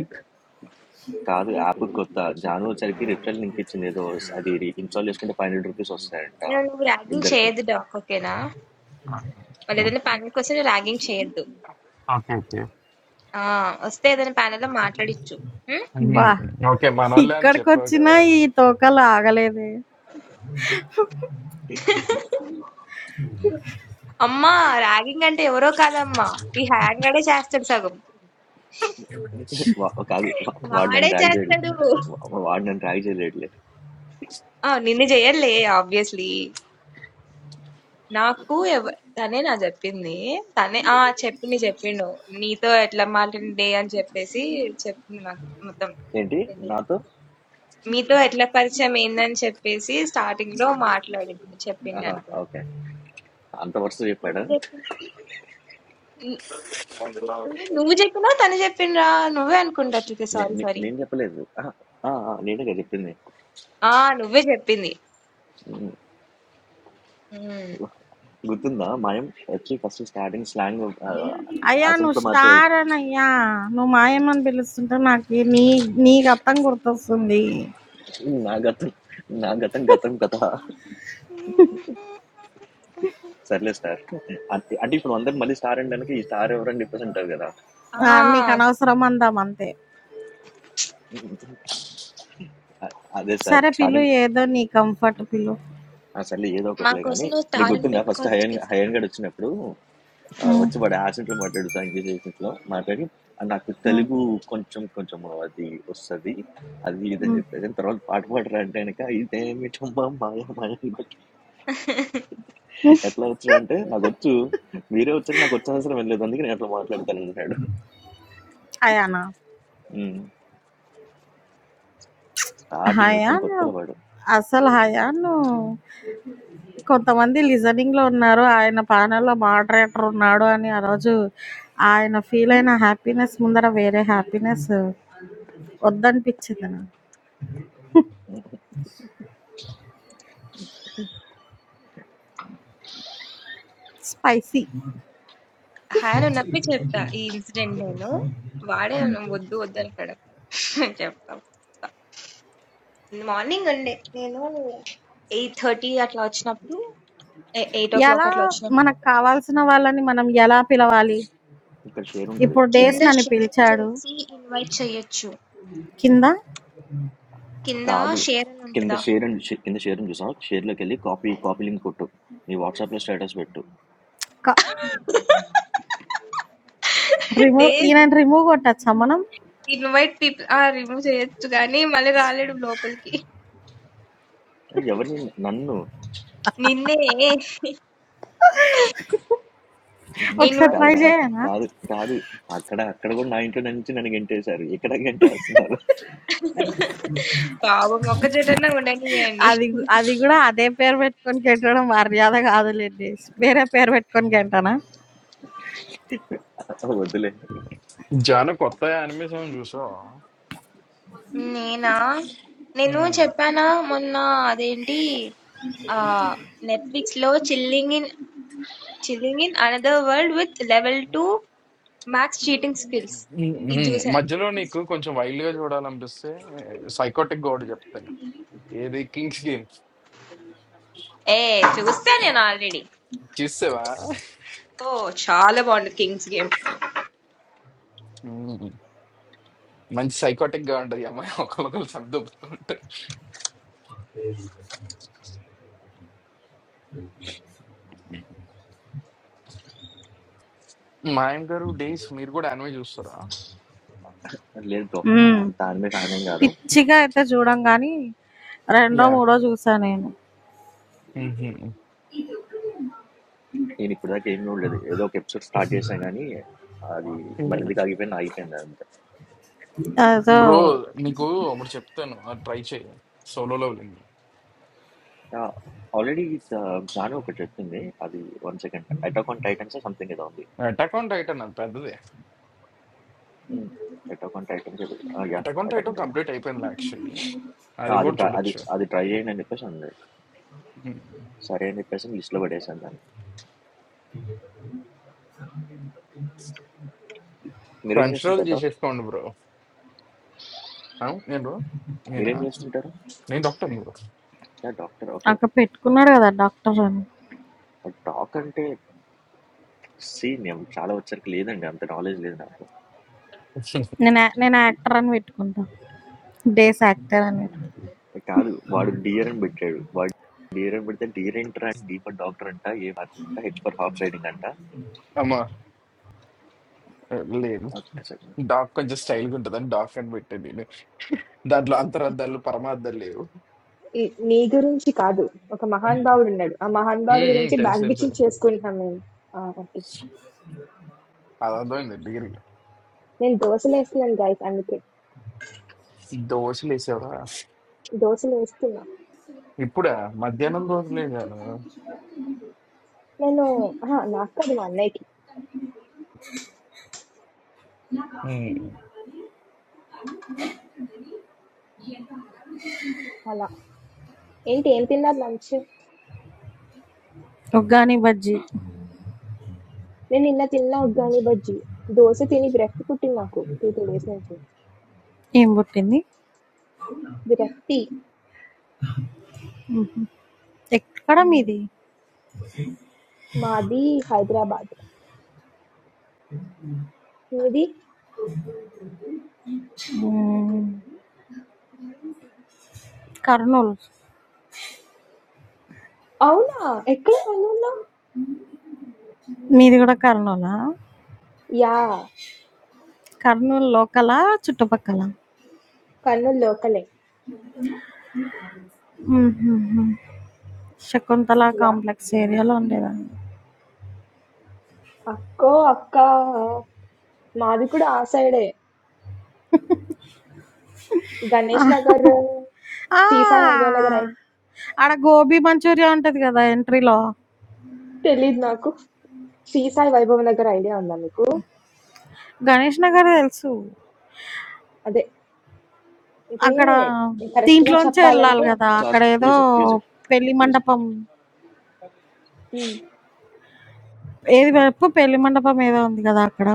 కాదు యాప్ కొత్త జాను వచ్చరికి రిఫరల్ లింక్ ఇచ్చింది ఏదో అది ఇన్స్టాల్ చేసుకుంటే ఫైవ్ హండ్రెడ్ రూపీస్ వస్తాయంట నువ్వు నువ్వు ర్యాగింగ్ ఇద్దరికి చేయొద్దు డాక్ ఓకేనా వాళ్ళు ఏదైనా ప్యానల్ కోసం నువ్వు ర్యాగింగ్ చేయొద్దు Okay. Okay. ఆ, వస్తే ఏదైనా panel లో మాట్లాడిచ్చు ఉం? అబ్బా! Okay. Okay. Manolan, check for ఇక్కడికొచ్చినా the. ఈ తోకలు ఆగలేదే. అమ్మా ర్యాగింగ్ అంటే ఎవరో కాదమ్మా ఈ హ్యాంగడే చేస్తాడు సగం వా- కాదు వా- వాడు వాడే నన్ను ర్యాక్ చేయలేదు చేస్తాడు వా- వాడు నన్ను ర్యాక్ చేయలేడులే ఆ, నిన్ను చేయలే ఆబ్వియస్లీ నాకు ఎవ- తనే నా చెప్పింది తనే ఆ చెప్పింది చెప్పిండు నీతో ఎట్లా మాట్లాడింది అని చెప్పేసి చెప్పింది నాకు ఏంటి మొత్తం నాతో మీతో ఎట్లా పరిచయం ఏందని చెప్పేసి స్టార్టింగ్ లో మాట్లాడి చెప్పింది ఆహా అనుకుంటా ఓకే అంత వరుస నువ్వు చెప్పాడు చెప్పి ను- నువ్వు చెప్పినా తను చెప్పిండ్రా నువ్వే అనుకుంటా అట్లయితే నే- సారీ నే- సారీ నేను చెప్పలేదు ఆహా, ఆ, ఆ, నేనే కదా చెప్పింది ఆ నువ్వే చెప్పింది ఉమ్. గుర్తుందా మనం వచ్చి ఫస్ట్ స్టార్టింగ్ స్లాంగ్ అయ్యా! నువ్వు అసెంట్లో మాట్లాడు స్టార్ అనయ్యా! నువ్వు మాయమ్మని పిలుస్తుంటే నాకు నీ నీ గతం గుర్తొస్తుంది. నా గతం నా గతం గతం కథ సర్లే సార్ అంటే అంటే ఇప్పుడు అందరు మళ్ళీ స్టార్ అనడానికి ఈ స్టార్ ఎవరని చెప్పేసి అంటారు కదా ఆ! ఆ నీకు అదే. అనవసరం అందాం అంతే. అ- అదే సార్ సరే పిలు స్టార్టింగ్ ఏదో నీ కంఫర్ట్ పిలు. సర్లే ఏదో మా ఒకటిలే కోసం కానీ నువ్వు నీకు స్టార్ అని గుర్తుందా ఫస్ట్ పెట్టుకోవచ్చు హైయన్ కదా హైయన్ గడ్ వచ్చినప్పుడు ఆ, హ్మ్. వచ్చి వాడు యాక్సెంట్లో మాట్లాడు సార్ ఇంగ్లీష్ యాక్సెంట్లో మాట్లాడి "ఆ, నాకు హ్మ్. తెలుగు కొంచెం కొంచెం అది వస్తుంది అది ఇదని హ్మ్. చెప్పేసి తర్వాత పాట పాడరా అంటే కనుక ఇదేమిటమ్మా మాయ మాయ హ్మ్. ఎట్లా వచ్చాడు అంటే నాకు వచ్చు మీరే వచ్చారు నాకు వచ్చే అవసరం ఏం లేదు అందుకే నేను అట్లా మాట్లాడతాను అన్నాడు హయానా? స్టార్టింగ్ వచ్చిన హయానా కొత్తలో వాడు అసలు హయాను కొంతమంది లిజనింగ్‌లో ఉన్నారు. ఆయన ప్యానెల్‌లో మోడరేటర్ ఉన్నాడు అని ఆ రోజు ఆయన ఫీలయిన హ్యాపీనెస్ ముందర వేరే హ్యాపీనెస్ వద్దనిపిచ్చింది నాకు. స్పైసీ. హాయ్ అని ఉన్నప్పుడు చెప్తా ఈ ఇన్సిడెంట్ నేను వాడే వద్దు వద్దు అంటాడు చెప్తాం మార్నింగ్ ఉండే నేను ఎయిట్ థర్టీ అట్లా వచ్చినప్పుడు ఎయిట్ ఓ క్లాక్ ఎలా అట్లా మనకు వచ్చినప్పుడు కావాల్సిన వాళ్ళని మనం ఎలా పిలవాలి? ఇక్కడ షేర్ ఉంటుంది ఇప్పుడు కింద డేస్ కింద నన్ను షేర్ పిలిచాడు. చేసి ఇన్వైట్ చేయొచ్చు కింద కింద కాదు షేర్ అని కింద ఉంటుందా షేర్ అండ్ షే- కింద షేర్ అని చూసావు షేర్లోకి వెళ్ళి కాపీ కాపీ లింక్ కొట్టు నీ వాట్సాప్లో స్టేటస్ పెట్టు క రిమూవ్ డేస్ ఈయనని రిమూవ్ కొట్టచ్చా మనం ఇన్వైట్ పీపుల్ ఆ రిమూవ్ చేయొచ్చు కానీ మళ్ళీ రాలేడు లోపలికి ఎవరిని నన్ను నిన్నే ఒకసారి ఇన్వైట్ ట్రై కాదురా అని ఉంటుంది చేయనా కాదు కాదు అక్కడ అక్కడ కూడా నా ఇంట్లో నుంచి నన్ను గెంటేశారు ఇక్కడ గెంటేస్తున్నారు పాపం ఒక్క చెటన్నా ఉండనియండి అది గు- అది కూడా అదే పేరు పెట్టుకొని గెంటడం మర్యాద కాదులేండి వేరే పేరు పెట్టుకొని గెంటనా వద్దులే Jana kotha anime song jussa. నేనా నేను Hmm చెప్పానా మొన్న అదేంటి ఆ నెట్ఫ్లిక్స్ లో chilling in Chilling in another world with level two max cheating skills. hmm ఇది hmm. చూసా Majhelo ni ko kuncha violence jodaalam bissse. Psychotic god jeptena. Yehi Kings Game. ఏ చూస్తా నేను ఆల్రెడీ Chisse wa? ఓ చాలా బాగుంటుంది Kings Game Hmm. Man psychotic godriyamai okalokal samdubtont. Mind garu days mereko anime jussa ra. లేదు బ్రో మ్మ్. అంత ఆయన మీద ఆయనేం కాదు పిచ్చిగా అయితే చూడం కానీ రెండో Yeah. మూడో చూసా నేను Hmm hmm. నేను ఇప్పుడు దాకా ఏం చూడలేదు ఏదో ఒక ఎపిసోడ్ స్టార్ట్ చేశాను కానీ అది మరి ఎందుకు ఆగిపోయింది ఆగిపోయింది అంతే అదో Bro, ni ko amar jeptena. Try che solo leveling. ఆల్రెడీ జాను ఒకటి చెప్పింది అది one second attack on Titans something ఏదో ఉంది అటాక్ ఆన్ టైటన్ అది పెద్దది. Attack on Titans yeah attack on attack Titan on Titan complete అయిపోయింది యాక్చువల్లీ, అది అది కూడా try- అది చూడొచ్చు. అది ట్రై చేయండి అని చెప్పేసి అన్నది సరే అని చెప్పేసి లిస్ట్లో పడేసాను దాన్ని మీరేం కంట్రోల్ చేస్తుంటారు doc? చేసేసుకోండి బ్రో. నేను బ్రో నేనా మీరేం చేస్తుంటారు నేను డాక్టర్ బ్రో. డాక్టర్ ఓకే అక్కడ పెట్టుకున్నాడు కదా డాక్టర్ అని టాక్ అంటే సీ నేను చాలా వచ్చరికి లేదండి అంత నాలెడ్జ్ లేదు నాకు నేను యా- నేను యాక్టర్ అని పెట్టుకుంటా డేస్ యాక్టర్ అని పెట్టుకుంటా. ఏ కాదు వాడు డియర్ అని పెట్టాడు వాడు డియర్ అని పెడితే dear enter and D for doctor అంట ఏ మార్చర్ అంట హెచ్ ఫర్ హార్స్ రైడింగ్ అంట అమ్మా లేదు, ఒక్క second. డాక్ కొంచెం స్టైల్గా ఉంటుంది అని డాక్ అని పెట్టాను నేను. దాంట్లో అంతరార్థాలు పరమార్థాలు లేవు. ఈ- నీ గురించి కాదు ఒక మహాన్ ఉమ్, భావుడు ఉన్నాడు ఆ మహాన్ భావుడు ఉమ్, గురించి తెలుసు బ్యాక్ తెలుసు, బిచింగ్ చేసుకుంటున్నాం మేము ఆ, ఓకే అది అర్థమైంది. డిగ్రీ నేను దోశలు వేస్తున్నాను గైస్ అందుకే దోశలు వేసేవా దోశలు వేస్తున్నా ఇప్పుడా? మధ్యాహ్నం దోశలే కదా. నేను ఆహా, నాకు కాదు మా అన్నయ్యకి ఉమ్, అలా ఏంటి ఏం తిన్నారు లంచ్ ఉగ్గాని బజ్జీ నేను నిన్న తిన్నా ఉగ్గాని బజ్జి దోశ తిని విరక్తి పుట్టింది నాకు టూ త్రీ డేస్ నుంచి ఏం పుట్టింది విరక్తి మ్మ్. ఎక్కడ ఉమ్, మీది మాది హైదరాబాద్ ఇది మ్మ్. కర్నూలు అవునా ఎక్కడ కర్నూలులో మీది కూడా కర్నూలా యా కర్నూలు లోకలా? చుట్టుపక్కలా? కర్నూలు లోకలే హుహుహు. 'శకుంతల యా కాంప్లెక్స్' ఏరియాలో ఉండేదాన్ని. అక్కో అక్క మాది కూడా ఆ సైడే గణేష్ నగర్ ఆ! శ్రీసాయి వైభవ్ నగర్ ఐ- ఆడ గోబీ మంచూరియా ఉంటది గదా! ఎంట్రీలో. తెలీదు నాకు శ్రీసాయి వైభవ్ నగర్ ఐడియా ఉందా మీకు గణేష్ నగర్ తెలుసు. అదే అంటే అక్కడ కరెక్ట్ గా దీంట్లోంచే వెళ్ళాలి చెప్పాలంటే గదా! Task- అక్కడేదో use it, use it, పెళ్లి use it. మండపం ఉమ్, ఏది వైపు పెళ్లి మండపం ఏదో ఉంది గదా! అక్కడ.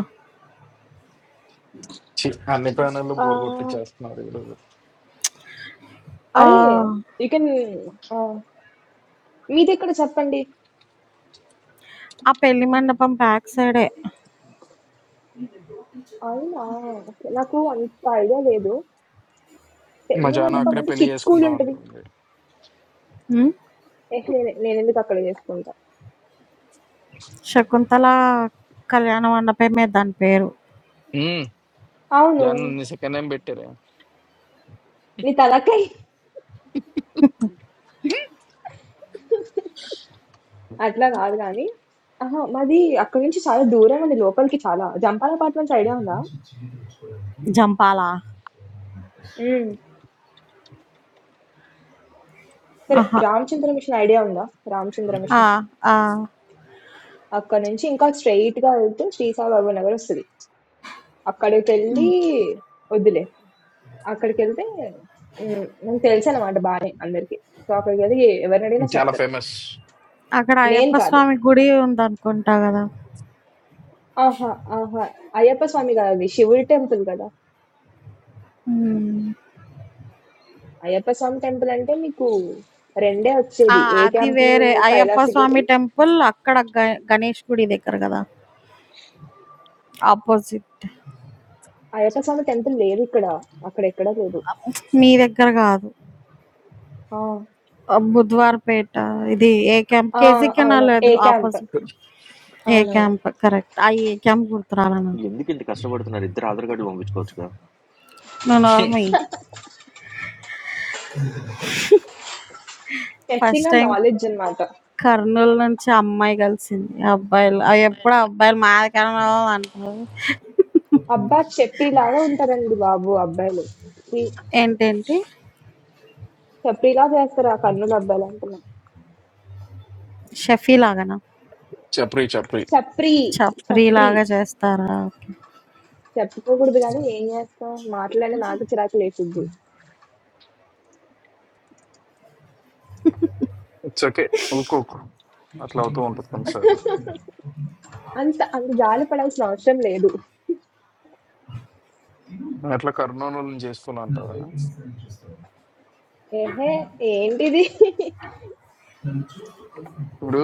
ఛీ, అన్ని ప్రాణాలు ఆ, బోర్ కొట్టి చేస్తున్నారు ఈరోజు. ఆ! అరే యూ కెన్ మీది ఎక్కడ చెప్పండి ఆ పెళ్లి మండపం బ్యాక్ సైడే. అవునా okay. నాకు అంత ఐడియా లేదు మా పెళ్లి జాను మండపం అక్కడే అంటే పెళ్లి కిట్ స్కూల్ చేసుకుందాం ఉంటుంది అనుకుంది హ్మ్. ఏ, నేను నేను ఎందుకు అక్కడ చేసుకుంటా 'శకుంతల కళ్యాణ మండపమే' దాని పేరు. ఉమ్, అవును జాను నీ సెకండ్ టైం పెట్టారా నీ తలకై అట్లా కాదు కానీ ఆహా మాది అక్కడి నుంచి చాలా దూరం అండి లోపలికి చాలా జంపాల అపార్ట్మెంట్స్ ఐడియా ఉందా జంపాలా? ఉమ్. సరే ఆహా! రామచంద్ర మిషన్ ఐడియా ఉందా రామచంద్ర ఆ! మిషన్ ఆ! అక్కడ నుంచి ఇంకా స్ట్రైట్ గా వెళ్తే శ్రీసాయిబాబు నగర్ వస్తుంది అక్కడికి వెళ్ళి వద్దులే అక్కడికి వెళ్తే ఉమ్, నాకు తెలుసు అనమాట బాగానే అందరికి సో అక్కడికి వెళ్ళి ఎవరిని అడిగినా ఇది చాలా చెప్తారు ఫేమస్ అక్కడ నేను అయ్యప్ప కాదు స్వామి గుడి ఉందనుకుంటా గదా! ఆహా ఆహా అయ్యప్ప స్వామి కాదు అది శివుడి టెంపుల్ కదా హ్మ్. అయ్యప్ప స్వామి టెంపుల్ అంటే మీకు రెండే ఆ! వచ్చేది ఏ అది క్యాంప్ లో వేరే. అయ్యప్ప కైలాసగిరి స్వామి టెంపుల్ అక్కడ గ గణేష్ గుడి దగ్గర గదా! అపోజిట్. అయ్యప్ప స్వామి టెంపుల్ లేదు ఇక్కడ అక్కడ ఎక్కడ లేదు మీ దగ్గర గాదు. ఆ, ఆహ్, బుధవారపేట ఇది ఏ క్యాంప్? ఆ, కేసీ అవును కెనాల్ ఏ ఎదురు క్యాంప్ అపోజిట్‌లో. ఏ అవునవును క్యాంప్ కరెక్ట్. ఆ ఏ క్యాంప్ గుర్తు రాలే నాకు. ఎందుకు ఇంత కష్టపడుతున్నారు ఇద్దరు ఆధార్ కార్డులు పంపించుకోవచ్చుగా నువ్వు నోర్మూయి. టెస్టింగ్ ఫస్ట్ ఆ టైమ్ నాలెడ్జ్ అన్నమాట కర్నూలు నుంచి అమ్మాయి కలిసింది. అబ్బాయిలు ఆహ్, ఎప్పుడు అబ్బాయిలు మాది కర్నూలు అంటారు. అబ్బా చెప్పిలాగా ఉంటారండి బాబు అబ్బాయిలు ఈ- ఏంటేంటి? చప్రీలా చేస్తారు ఆ కన్నుల అబ్బాయిలు అంటున్నా షఫీ లాగానా? చప్రి చప్రి చప్రీ చప్రీ చప్రీ లాగా చేస్తారా? ఓకే. చెప్పుకోకూడదు కానీ ఏం చేస్తాం మాట్లాడే నాకు చిరాకు లేచిద్ది ఇట్స్ ఓకే ఊకోకు అట్లా అవుతూ ఉంటుంది కొన్నిసార్లు అంత అంత జాలి పడాల్సిన అవసరం లేదు నువ్వు ఎట్లా కర్నూలు చేసుకున్నా అంటావా ఏహే ఏంటిది ఇప్పుడు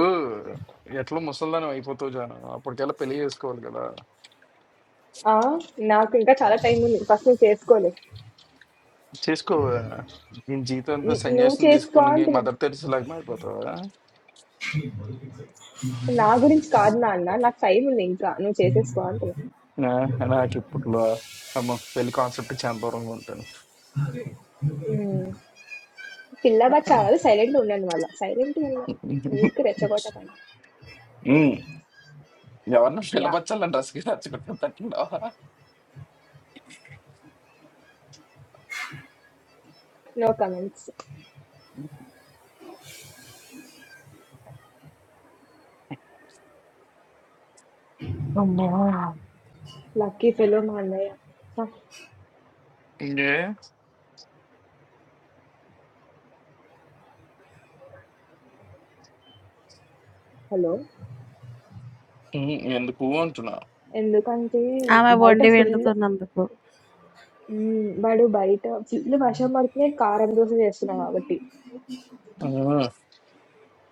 ఎట్లా ముసల్దానం అయిపోతావు జాను అప్పటికెల్లా పెళ్లి చేసుకోవాలి కదా ఆ, నాకు ఇంకా చాలా టైం ఉంది ఫస్ట్ నువ్వు చేసుకోలేదు చేసుకోవా నేను జీతం అంతా నువ్వు సన్యాసం చేసుకో తీసుకుని అంటున్నా మదర్ తెరిసేలాగా మారిపోతావా నా గురించి కాదు నాన్న నాకు టైం ఉంది ఇంకా నువ్వు చేసేసుకో అంటున్నా నా నాకు ఇప్పట్లో అమ్మ పెళ్లి కాన్సెప్ట్ చందూరంగా ఉంటాను ఉమ్. పిల్ల బచ్చా కాదు సైలెంట్ ఉండండి మళ్ళీ సైలెంట్ ఉన్నా ఊరికి రెచ్చగొట్టకండి ఉమ్, ఎవరిని యా పిలపచ్చాలని రసికి రచ్చగొట్టిన తట్టుకున్నావా నో కమెంట్స్ అమ్మా. లక్కీ ఫెలో మా అన్నయ్య ఇంకే హలో ఉమ్, ఎందుకు అంటున్నా ఎందుకంటే ఆమె బయట వండి ఫుల్ వండుతున్నందుకు. వాడు బయట ఫుల్ వర్షం పడుతున్నాయి కారం దోశ చేస్తున్నాం కాబట్టి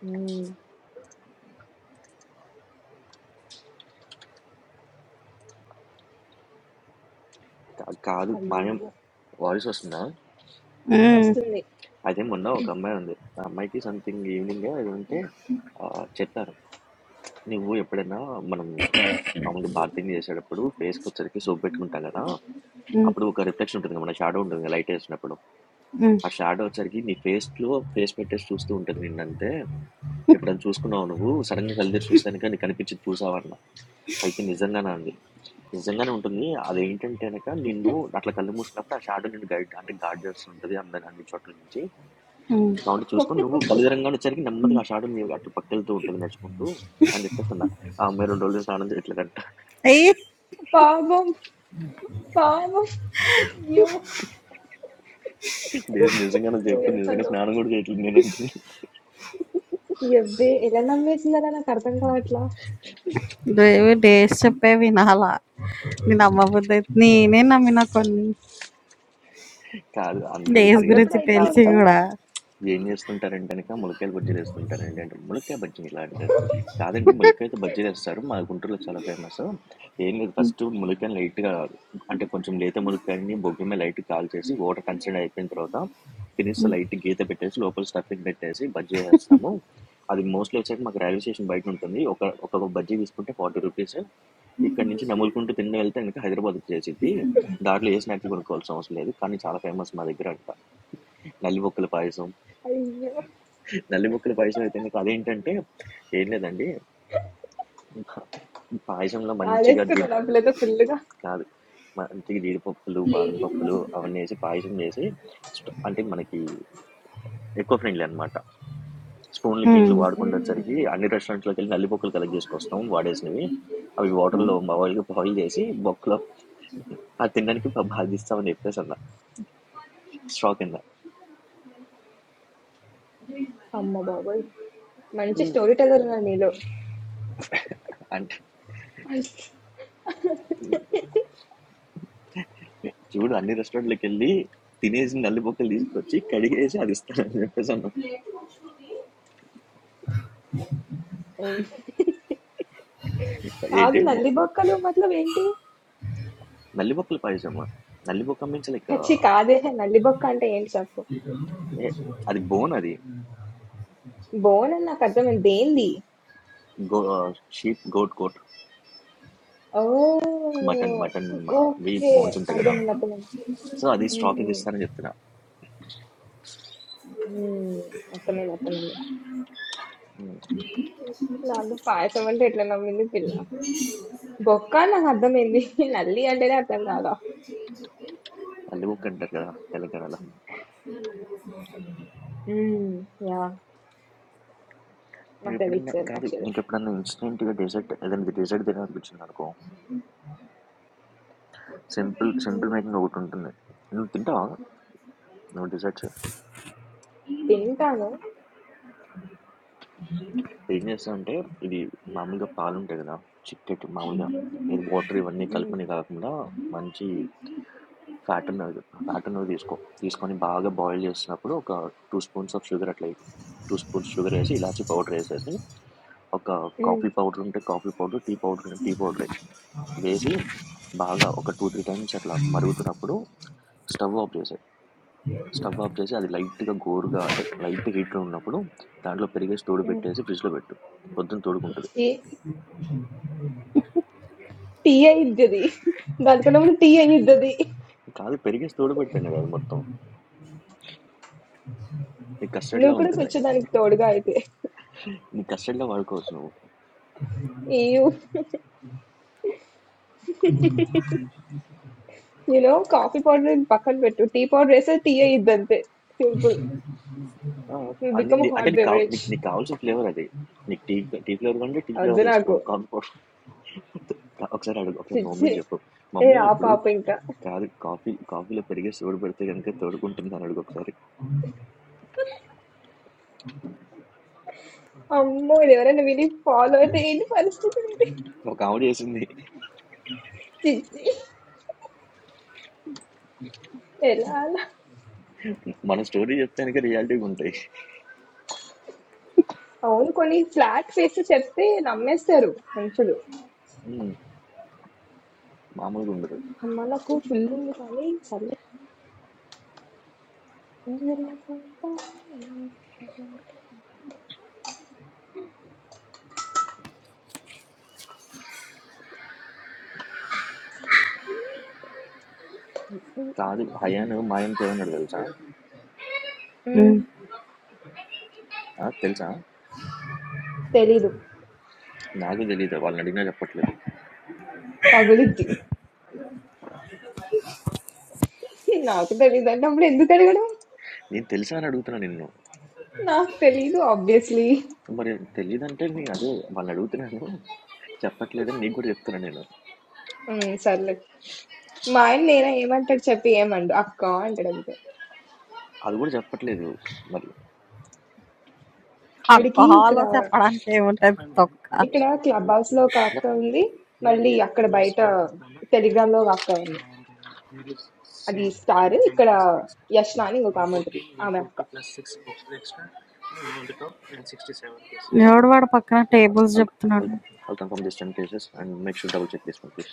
ఉమ్, కా- కాదు మాయం అయ్యో వాయిస్ వస్తుందా హ్మ్. వస్తుంది అదే మొన్న ఒక అమ్మాయి ఉంది ఆ అమ్మాయికి సంథింగ్ ఈవినింగ్ ఉంటే ఆ, చెప్పారు నువ్వు ఎప్పుడైనా మనం ఉమ్. మామూలుగా బార్తింగ్ చేసేటప్పుడు ఫేస్కి వచ్చరికి సోప్ పెట్టుకుంటాం కదా హ్మ్. అప్పుడు ఒక రిఫ్లెక్షన్ ఉంటుంది కదా, మన షాడో ఉంటుంది కదా లైట్ వేసినప్పుడు హ్మ్. ఆ షాడో వచ్చరికి నీ ఫేస్లో ఫేస్ పెట్టేసి చూస్తూ ఉంటుంది నిన్నంతే ఎప్పుడైనా చూసుకున్నావు నువ్వు సడన్గా కలిదిరి చూస్తానుక నీకు కనిపించింది చూసావన్న అయితే నిజంగానే అంది నిజంగానే ఉంటుంది అదేంటంటే కనుక నిన్ను అట్లా కళ్ళు మూసుకున్నప్పుడు ఆ షాడో నిన్ను గైడ్ అంటే గార్డ్ చేస్తుంటుంది అందరి అన్ని చోట్ల నుంచి హ్మ్. కాబట్టి చూసుకొని నువ్వు కలిదరంగా వచ్చరికి నెమ్మదిగా ఆ షాడో నీ అట్లా పక్కెళ్తూ ఉంటుంది నడుచుకుంటూ అని చెప్పేసి అన్న ఆ అమ్మాయి రెండు రోజులు స్నానం చేయట్లేదంట ఏయ్! పాపం పాపం అయ్యో దేశం నిజంగానే చెప్పు క్రూయల్ నిజంగా ఫెల్లో స్నానం కూడా చేయట్లేదు నేనంటే ఎవ్వే ఎలా నమ్మేసిందరా నాకు అర్థం కావట్లా నువ్వేమి డేస్ చెప్పేవి వినాలా? నేను నమ్మబుద్దయిత్ నేనే నమ్మిన కొన్ని. కాదు అందరూ డేస్ అడుగుతారు అప్పుడప్పుడు గురించి అయితా తెలిసి ఉంటాయి ఏంటి గూడా. ఏం చేస్తుంటారంటే కనుక ములక్కాయలు బజ్జీలు వేస్తుంటారండి అంటే ములక్కాయ బజ్జీ ఇలా అంటారు కాదండి ములక్కాయతో బజ్జీలు వేస్తారు మా గుంటూరులో చాలా ఫేమస్ ఏం లేదు ఫస్ట్ ములక్కాయని లైట్గా అంటే కొంచెం లేత ములక్కాయని బొగ్గు మీద లైట్ కాల్ చేసి వాటర్ కన్సర్న్ అయిపోయిన తర్వాత ఫినిష్ లైట్ గీత పెట్టేసి లోపల స్టఫింగ్ పెట్టేసి బజ్జీ వేస్తాము అది మోస్ట్లీ వచ్చాక మాకు రైల్వే స్టేషన్ బయట ఉంటుంది ఒక ఒక బజ్జీ తీసుకుంటే ఫార్టీ రూపీస్ ఇక్కడ నుంచి నములుకుంటూ తిండి వెళ్తే కనుక హైదరాబాద్ వచ్చేసింది దాంట్లో ఏ స్నాక్స్ కొనుక్కోవాల్సిన అవసరం లేదు కానీ చాలా ఫేమస్ మా దగ్గర అంట నల్లి బొక్కల పాయసం అయ్యో నల్లిముక్కలు పాయసం అయితే నీకు అదేంటంటే ఏం లేదండి పాయసంలో మంచిగా జీడి ఆడేసుకున్నాడు ఆ పిల్లతో ఫుల్గా కాదు మంచిగా జీడిపప్పులు బాదం పప్పులు అవన్నీ వేసి పాయసం చేసి స్ట్- అంటే మనకి ఎక్కువ ఫ్రెండ్లీ అనమాట స్పూన్లు హ్మ్. గిన్నెలు వాడకుండా వచ్చేసరికి మ్మ్. అన్ని రెస్టారెంట్లోకి వెళ్ళి నల్లిపొక్కులు కలెక్ట్ చేసుకొస్తాం వాడేసినవి అవి హ్మ్. వాటర్లో బాయిల్ బాయిల్ చేసి బొక్కలో అది తినడానికి ప- బాధిస్తామని చెప్పేసి అన్న స్ట్రాక్ అన్న అమ్మ బాబోయ్ మంచి స్టోరీ టెలర్ ఉన్నా నీలో అంటే చూడు అన్ని రెస్టారెంట్లకు వెళ్ళి తినేసి నల్లి బొక్కలు తీసుకొచ్చి కడిగేసి అది ఇస్తానని చెప్పేసి అన్న ఉమ్. కాదు ఏంటి నల్లి బొక్కలు మతలబ్ ఏంటి నల్లిబొక్కల పాయసమా నల్లిబొక్క మీన్స్ లైక్ అచ్చి కాదే నల్లి బొక్క అంటే ఏంటి చెప్పు ఏ అది బోన్ అది బోన్ అని నాకు అర్థమైంది దేంది గో షీప్ గోట్ కోట్ ఓ మటన్ మటన్ వీ ఓకే బోన్స్ ఉంటాయి కదా అర్థమైంది అర్థమైంది సో అది ఉమ్, స్టాకింగ్ ఉమ్, ఇస్తానని చెప్తున్నా ఉమ్, అర్థమైంది అర్థమైంది ఉమ్, నాకు పాయసం అంటే ఎట్లా నమ్మింది పిల్ల బొక్క అని నాకు అర్థమైంది నల్లి అంటేనే అర్థం కాదా నల్లిబొక్క అంటారు కదా తెలంగాణలో ఉమ్, యా మీరు నాకు ఎప్పుడైనా తెలియదు కాదు యాక్చువల్లీ నీకు ఎప్పుడైనా ఇన్స్టెంట్గా డెజర్ట్ ఏదైనా డెజర్ట్ తినాలనిపించింది అనుకో సింపుల్ సింపుల్ ఉమ్, మేకింగ్ ఒకటి ఉంటుంది నువ్వు తింటావా నువ్వు డెజర్ట్స్ తింటాను ఏం చేస్తానంటే, ఇది మామూలుగా పాలుంటాయి గదా! చిక్కటి మామూలుగా ఇది వాటర్ ఇవన్నీ ఉమ్, కలిపినవి కాకుండా మంచి ఫ్యాట్ ఉన్నవి ఫ్యాట్ ఉన్నవి తీసుకో. తీసుకొని బాగా బాయిల్ చేసినప్పుడు ఒక 2 స్పూన్స్ ఆఫ్ షుగర్ అట్లా 2 స్పూన్స్ షుగర్ ఏసి, ఇలాచీ పౌడర్ ఏసేసి, ఒక ఉమ్, కాఫీ పౌడర్ ఉంటే కాఫీ పౌడర్, టీ పౌడర్ ఉంటే టీ పౌడర్ వేసి బాగా ఒక 2, 3 టైమ్స్ అట్లా మరుగుతున్నప్పుడు స్టవ్ ఆఫ్ చేసేయి. స్టవ్ ఆఫ్ చేసి అది లైట్‌గా గోరుగా అంటే లైట్ హీట్‌లో ఉన్నప్పుడు దాంట్లో పెరిగేసి ఉమ్. తోడుపెట్టేసి ఫ్రిడ్జ్‌లో పెట్టు. పొద్దున తోడుకుంటది. ఛీ, టీ అయిద్దది దానికన్నా ముందు టీ అయిద్దది కాదు పెరిగేసి తోడుపెడితేనే కదా అది మొత్తం. నీకు కస్టర్డ్‌లా నువ్వు కూడా ఉంటుంది. కూర్చో దానికి తోడుగా అయితే నీకు కస్టర్డ్‌లా వాడుకోవచ్చు నువ్వు. ఏయు You know, coffee powder in పక్కన పెట్టు టీ పౌడర్ వేస్తే టీ అయ్యిద్ది అంతే సింపుల్ ఆ! అన్ని బికమ్ నీ అంటే హాట్ నీకు కావా బెవరేజ్ నీకు నీకు కావాల్సిన ఫ్లేవర్ అది. నీకు టీ టీ ఫ్లేవర్ కావాలంటే టీ వద్దు ఫ్లేవర్ చేసుకో. నాకు కాఫీ పౌడర్ ఒకసారి అడుగు. ఒకసారి మా చిచ్చి మమ్మీకి చెప్పు. ఏ మమ్మీ ఆ ఇప్పుడు పాప ఇంకా కాదు కాఫీ కాఫీలో పెరిగేసి తోడుపెడితే గనుక తోడుకుంటుంది అని అడుగు ఒకసారి. అమ్మో ఇది ఎవరైనా విని ఫాలో అయితే ఏంటి పరిస్థితి ఇది ఒక ఆవిడ చేసింది. చిచ్చి ఎలా అలా మన స్టోరీ చెప్తే గనుక రియాలిటీ‌గా ఉంటాయి. అవును కొన్ని ఫ్లాట్ ఫేస్ చెప్తే నమ్మేస్తారు మనుషులు హ్మ్. మామూలుగా ఉండదు. అమ్మ నాకు ఫుల్ ఉంది కానీ సరే ఉమ్, కాదు హయాను మాయం తేమన్నాడు తెలుసా హ్మ్. ఆ, తెలుసా తెలీదు నాకు తెలియదు వాళ్ళని అడిగినా చెప్పట్లేదు పగులిద్ది నాకు తెలీదు అంటే అప్పుడు ఎందుకు అడగడం నేను తెలుసా అని అడుగుతున్నా నిన్ను నాకు తెలీదు ఆబ్వియస్లీ మరి తెలియదంటే నేను అదే వాళ్ళని అడుగుతున్నాను చెప్పట్లేదని నీకు కూడా చెప్తున్నా నేను సర్లే మా ఆయన నేనే ఏమంటాడు చెప్పి ఏమండు అక్క అంటాడు అంతే అది కూడా చెప్పట్లేదు మరి యా వాడికి ఇక్కడ అక్కహాలో చెప్పడానికి ఏముంటది తొక్క. ఇక్కడ క్లబ్ హౌస్ లో ఒక యా. అక్క ఉంది మళ్ళీ అక్కడ బయట టెలిగ్రామ్ లో ఒక అక్క ఉంది అది స్టార్ ఇక్కడ యష్ణ అని ఇంకొక ఆమె ఉంటుంది ఆమె అక్క ఓకే ఎవడు వాడు పక్కన టేబుల్స్ I'll I'll చెప్తున్నాడు. I'll confirm these 10 cases and make sure double check this one, please.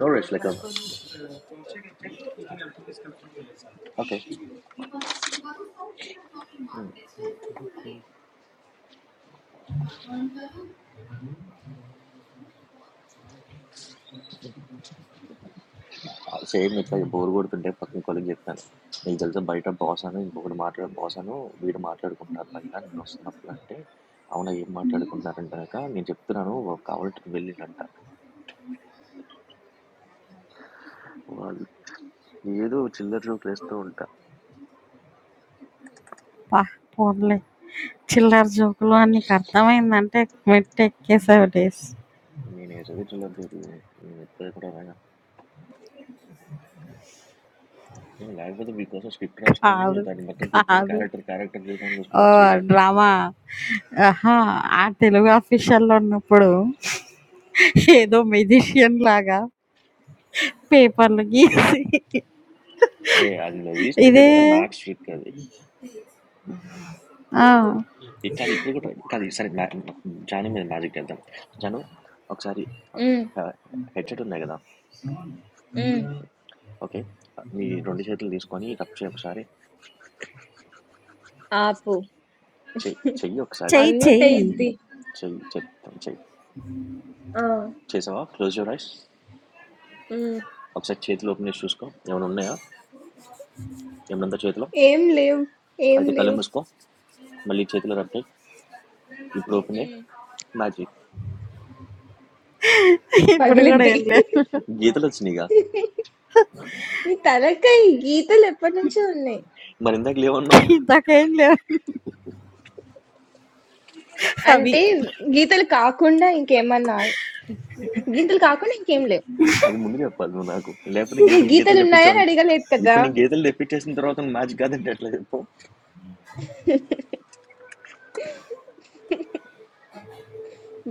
No worries, like um, okay same ఇట్లా బోర్ కొడుతుంటే పక్కన కొలికి చెప్తాను నీకు తెలుసా బయట బాస్ అని ఇంకొకటి మాట్లాడే బాస్ అను వీడు మాట్లాడుకుంటున్నారు బయట నేను వస్తున్నప్పుడు అంటే అవునా ఏం మాట్లాడుకుంటున్నారంటాక నేను చెప్తున్నాను "వా- కావాలంటే నువ్వు వెళ్ళిండంట వాళ్ళు ఏదో చిల్లర జోకులు వేస్తూ ఉంటా అబ్బా! పోన్లే. చిల్లర జోకులు అని నీకర్థమైందంటే మెట్టెక్కేసావు డేస్. నేను వేసేది చిల్లర జోకులు నేను ఎప్పుడు కూడా అలాగా లేకపోతే మీకోసం స్క్రిప్ట్ రాసుకొని కాదు. దాన్ని మొత్తం కూర్చొని కాదు. క్యారెక్టర్ క్యారెక్టర్ డిజైన్ చేసుకొని ఓహ్! వచ్చేయాలి నేను డ్రామా. అహా! ఆ తెలుగు అఫీషియల్‌లో ఉన్నప్పుడు ఏదో మెజిషియన్ లాగా పేపర్లు గీసి ఏ అది నువ్వు చూసినట్టే ఇదే కనుక మ్యాక్స్ ట్రిక్ అది ఆ! ఇ- కాదు ఇప్పుడు కూడా కాదు సరే మ్యా జాను మీద మ్యాజిక్ చేద్దాం జాను ఒకసారి ఉమ్, హెడ్సెట్ ఉన్నాయి కదా ఉమ్, ఓకే నీ రెండు చేతులు తీసుకొని రబ్ చేయి ఒకసారి ఆపు చెయ్యి చెయ్యి ఒకసారి చెయ్యి అన్మ్యూట్ చెప్తాను చెయ్యి. అయ్యిద్ది చెయ్యి చెప్తాను చెయ్యి ఆ. చేసావా క్లోజ్ యూర్ ఐస్ ఉమ్, ఒకసారి చేతులు ఓపెన్ చేసి చూసుకో ఏమైనా ఉన్నాయా ఏమన్నా చేతిలో ఏం లేవు ఏం అయితే కళ్ళు లేవు మూసుకో మళ్ళీ చేతిలో రబ్ చేయి ఇప్పుడు ఓపెన్ అయ్యి ఉమ్. మ్యాజిక్ ఇప్పుడు గూడా ఏం పగిలిద్ది లేవు. గీతలు వచ్చినాయిగా మీ తలకాయ గీతలు ఎప్పటి నుంచో ఉన్నాయి మరి ఇందాక లేవన్నావు ఇందాకేం లేవు. అవి. అంటే గీతలు కాకుండా ఇంకేమన్నా గీతలు కాకుండా ఇంకేం లేవు అది ముందు చెప్పాలి నువ్వు నాకు లేకపోతే మీరు గీతలు గీతలు గీతలు ఉన్నాయని తెప్పించావు అడగలేదు కదా ఇప్పుడు నీ గీతలు తెప్పించేసిన తర్వాత నువ్వు మ్యాచ్ కాదంటే ఎట్లా చెప్పు